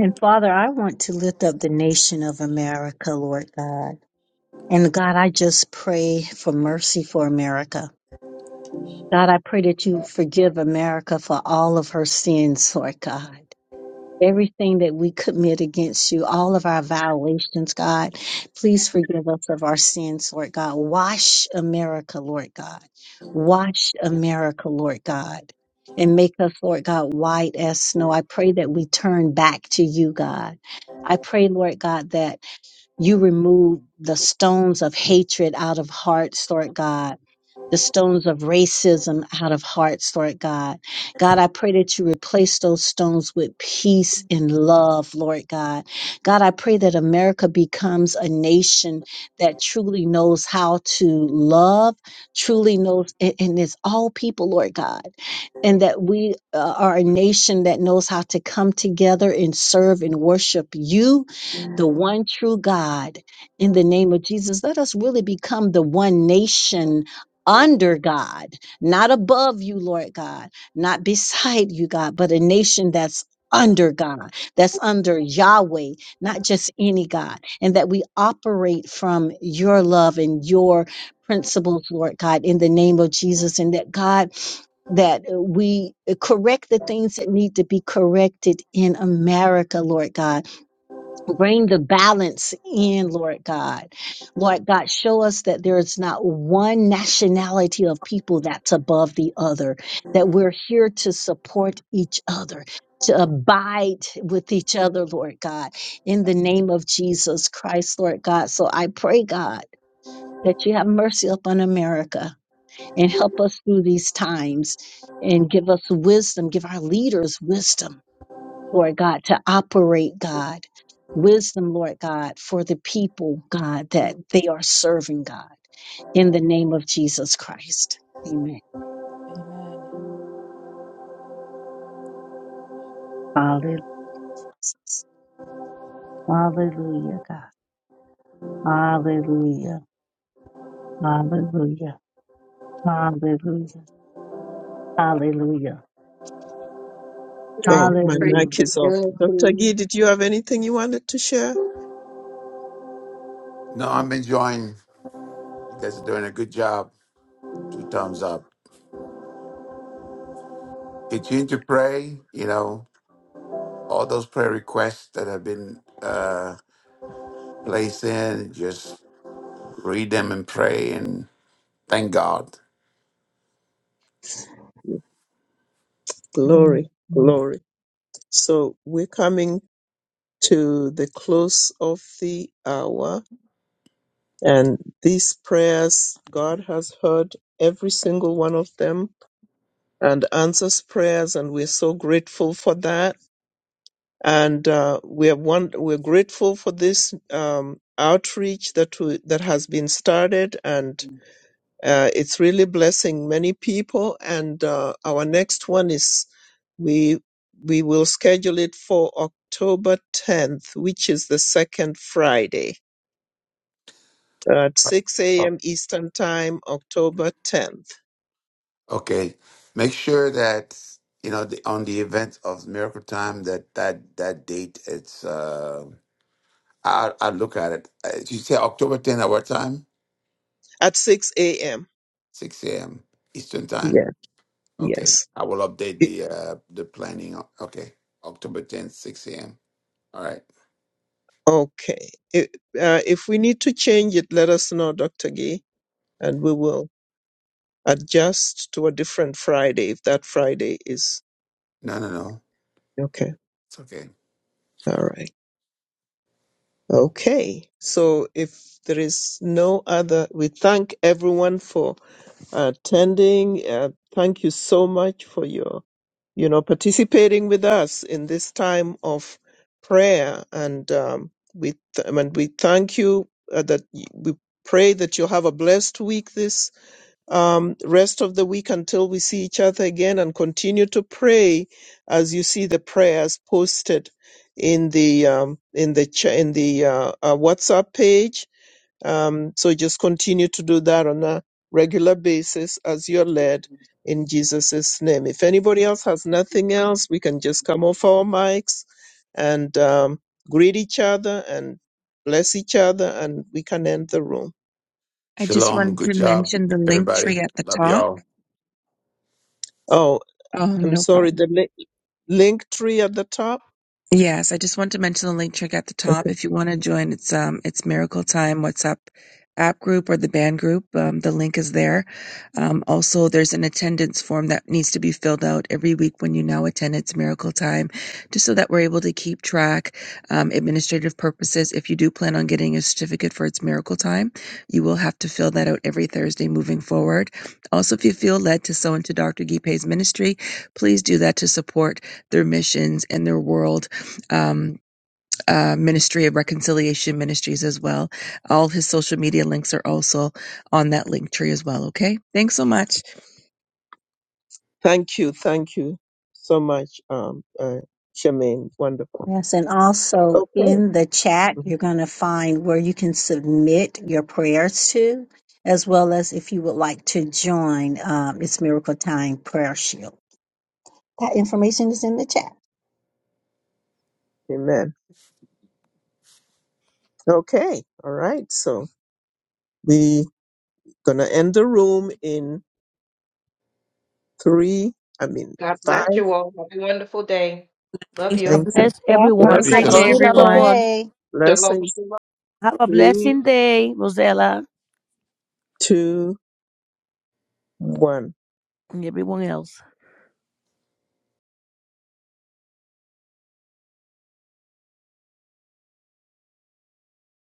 S3: And Father, I want to lift up the nation of America, Lord God. And God, I just pray for mercy for America. God, I pray that you forgive America for all of her sins, Lord God. Everything that we commit against you, all of our violations, God, please forgive us of our sins, Lord God. Wash America, Lord God. Wash America, Lord God. And make us, Lord God, white as snow. I pray that we turn back to you, God. I pray, Lord God, that you remove the stones of hatred out of hearts, Lord God the stones of racism out of hearts, Lord God. God, I pray that you replace those stones with peace and love, Lord God. God, I pray that America becomes a nation that truly knows how to love, truly knows, and, and it's all people, Lord God. And that we uh, are a nation that knows how to come together and serve and worship you, the one true God. In the name of Jesus, let us really become the one nation under God, not above you, Lord God, not beside you, God, but a nation that's under God, that's under Yahweh, not just any God, and that we operate from your love and your principles, Lord God, in the name of Jesus, and that God, that we correct the things that need to be corrected in America, Lord God Bring the balance in, Lord God. Lord God, show us that there is not one nationality of people that's above the other, that we're here to support each other, to abide with each other, Lord God, in the name of Jesus Christ, Lord God. So I pray, God, that you have mercy upon America and help us through these times and give us wisdom, give our leaders wisdom Lord God, to operate, God. Wisdom, Lord God, for the people, God, that they are serving, God, in the name of Jesus Christ. Amen.
S4: Amen.
S3: Hallelujah. Hallelujah, God. Hallelujah. Hallelujah. Hallelujah. Hallelujah.
S8: We're
S1: Oh,
S8: just
S1: my
S8: praying
S3: Hallelujah.
S1: mic
S8: for
S1: is off. Dr.
S8: unity.
S1: Gee, did you have anything you wanted to share?
S5: No, I'm enjoying. You guys are doing a good job. Two thumbs up. Continue to pray. You know, all those prayer requests that have been uh, placed in. Just read them and pray and thank God.
S1: Glory,
S3: Mm-hmm.
S1: glory. So we're coming to the close of the hour, and these prayers, God has heard every single one of them and answers prayers, and we're so grateful for that. And uh, we are one, we're grateful for this um, outreach that we, that has been started, and uh, it's really blessing many people. And uh, our next one is we we will schedule it for October 10th, which is the second Friday at 6
S5: Oh.
S1: a.m. Eastern Time, October 10th.
S5: Okay, make sure that you know the, on the event of Miracle Time that that that date. It's uh, I I look at it. Uh, You say October 10th at what time?
S1: at 6 a.m.
S5: 6 a.m. Eastern time.
S1: Yeah,
S5: Okay,
S1: yes.
S5: I will update
S1: I-
S5: the uh, the planning. Okay, October 10th, 6 a.m. All right.
S1: Okay. If, uh, if we need to change it, let us know, Dr. Gee, and we will adjust to a different Friday if that Friday is
S5: No, no, no.
S1: okay.
S5: It's okay.
S1: All right. Okay. So if there is no other, we thank everyone for attending. Uh, thank you so much for your, you know, participating with us in this time of prayer. And um, we th- and we thank you uh, that y- we pray that you have a blessed week this um, rest of the week until we see each other again, and continue to pray as you see the prayers posted in the um, in the ch- in the uh, uh, WhatsApp page um, so just continue to do that on a regular basis as you're led in Jesus' name. If anybody else has nothing else, we can just come off our mics and um, greet each other and bless each other, and we can end the room.
S2: I just
S5: Shalom.
S2: wanted
S5: Good
S2: to
S5: job,
S2: mention the link
S5: everybody.
S2: tree at the
S5: Love
S2: top.
S5: y'all.
S1: Oh,
S2: Oh,
S1: I'm
S2: no problem.
S1: sorry, the link, link tree at the top.
S2: Yes, I just want to mention the link trick at the top.
S1: Okay.
S2: If you want to join, it's um, it's Miracle Time WhatsApp app group or the band group. Um, the link is there. Um, also, there's an attendance form that needs to be filled out every week when you now attend. It's Miracle Time, just so that we're able to keep track. Um, administrative purposes. If you do plan on getting a certificate for its Miracle Time, you will have to fill that out every Thursday moving forward. Also, if you feel led to sow into Dr. Gipe's ministry, please do that to support their missions and their world um, uh, Ministry of Reconciliation Ministries as well. All his social media links are also on that link tree as well. Okay. Thanks so much.
S1: Thank you. Thank you so much, um, uh, Charmaine. Wonderful.
S3: Yes, and also
S1: Okay.
S3: in the chat,
S1: Mhm.
S3: you're going to find where you can submit your prayers to, as well as if you would like to join um, It's Miracle Time Prayer Shield. That information is in the chat.
S1: Amen. Okay. All right. So we Gonna end the room in three, I mean,
S8: God bless
S1: five.
S8: you all. Have a wonderful day. Love you.
S7: God
S1: Thank
S2: Have
S1: you.
S7: bless
S3: Yes,
S2: have
S7: everyone.
S2: a
S5: Love
S3: and
S5: you.
S3: have
S2: great
S3: a
S1: Blessings,
S7: Shalom,
S2: day,
S5: Shalom.
S3: beautiful
S2: everyone.
S7: shalom.
S3: day.
S8: Shalom.
S1: blessings,
S8: shalom.
S7: Have a
S1: three,
S7: blessing day, Rosella,
S1: two, one.
S7: and everyone else.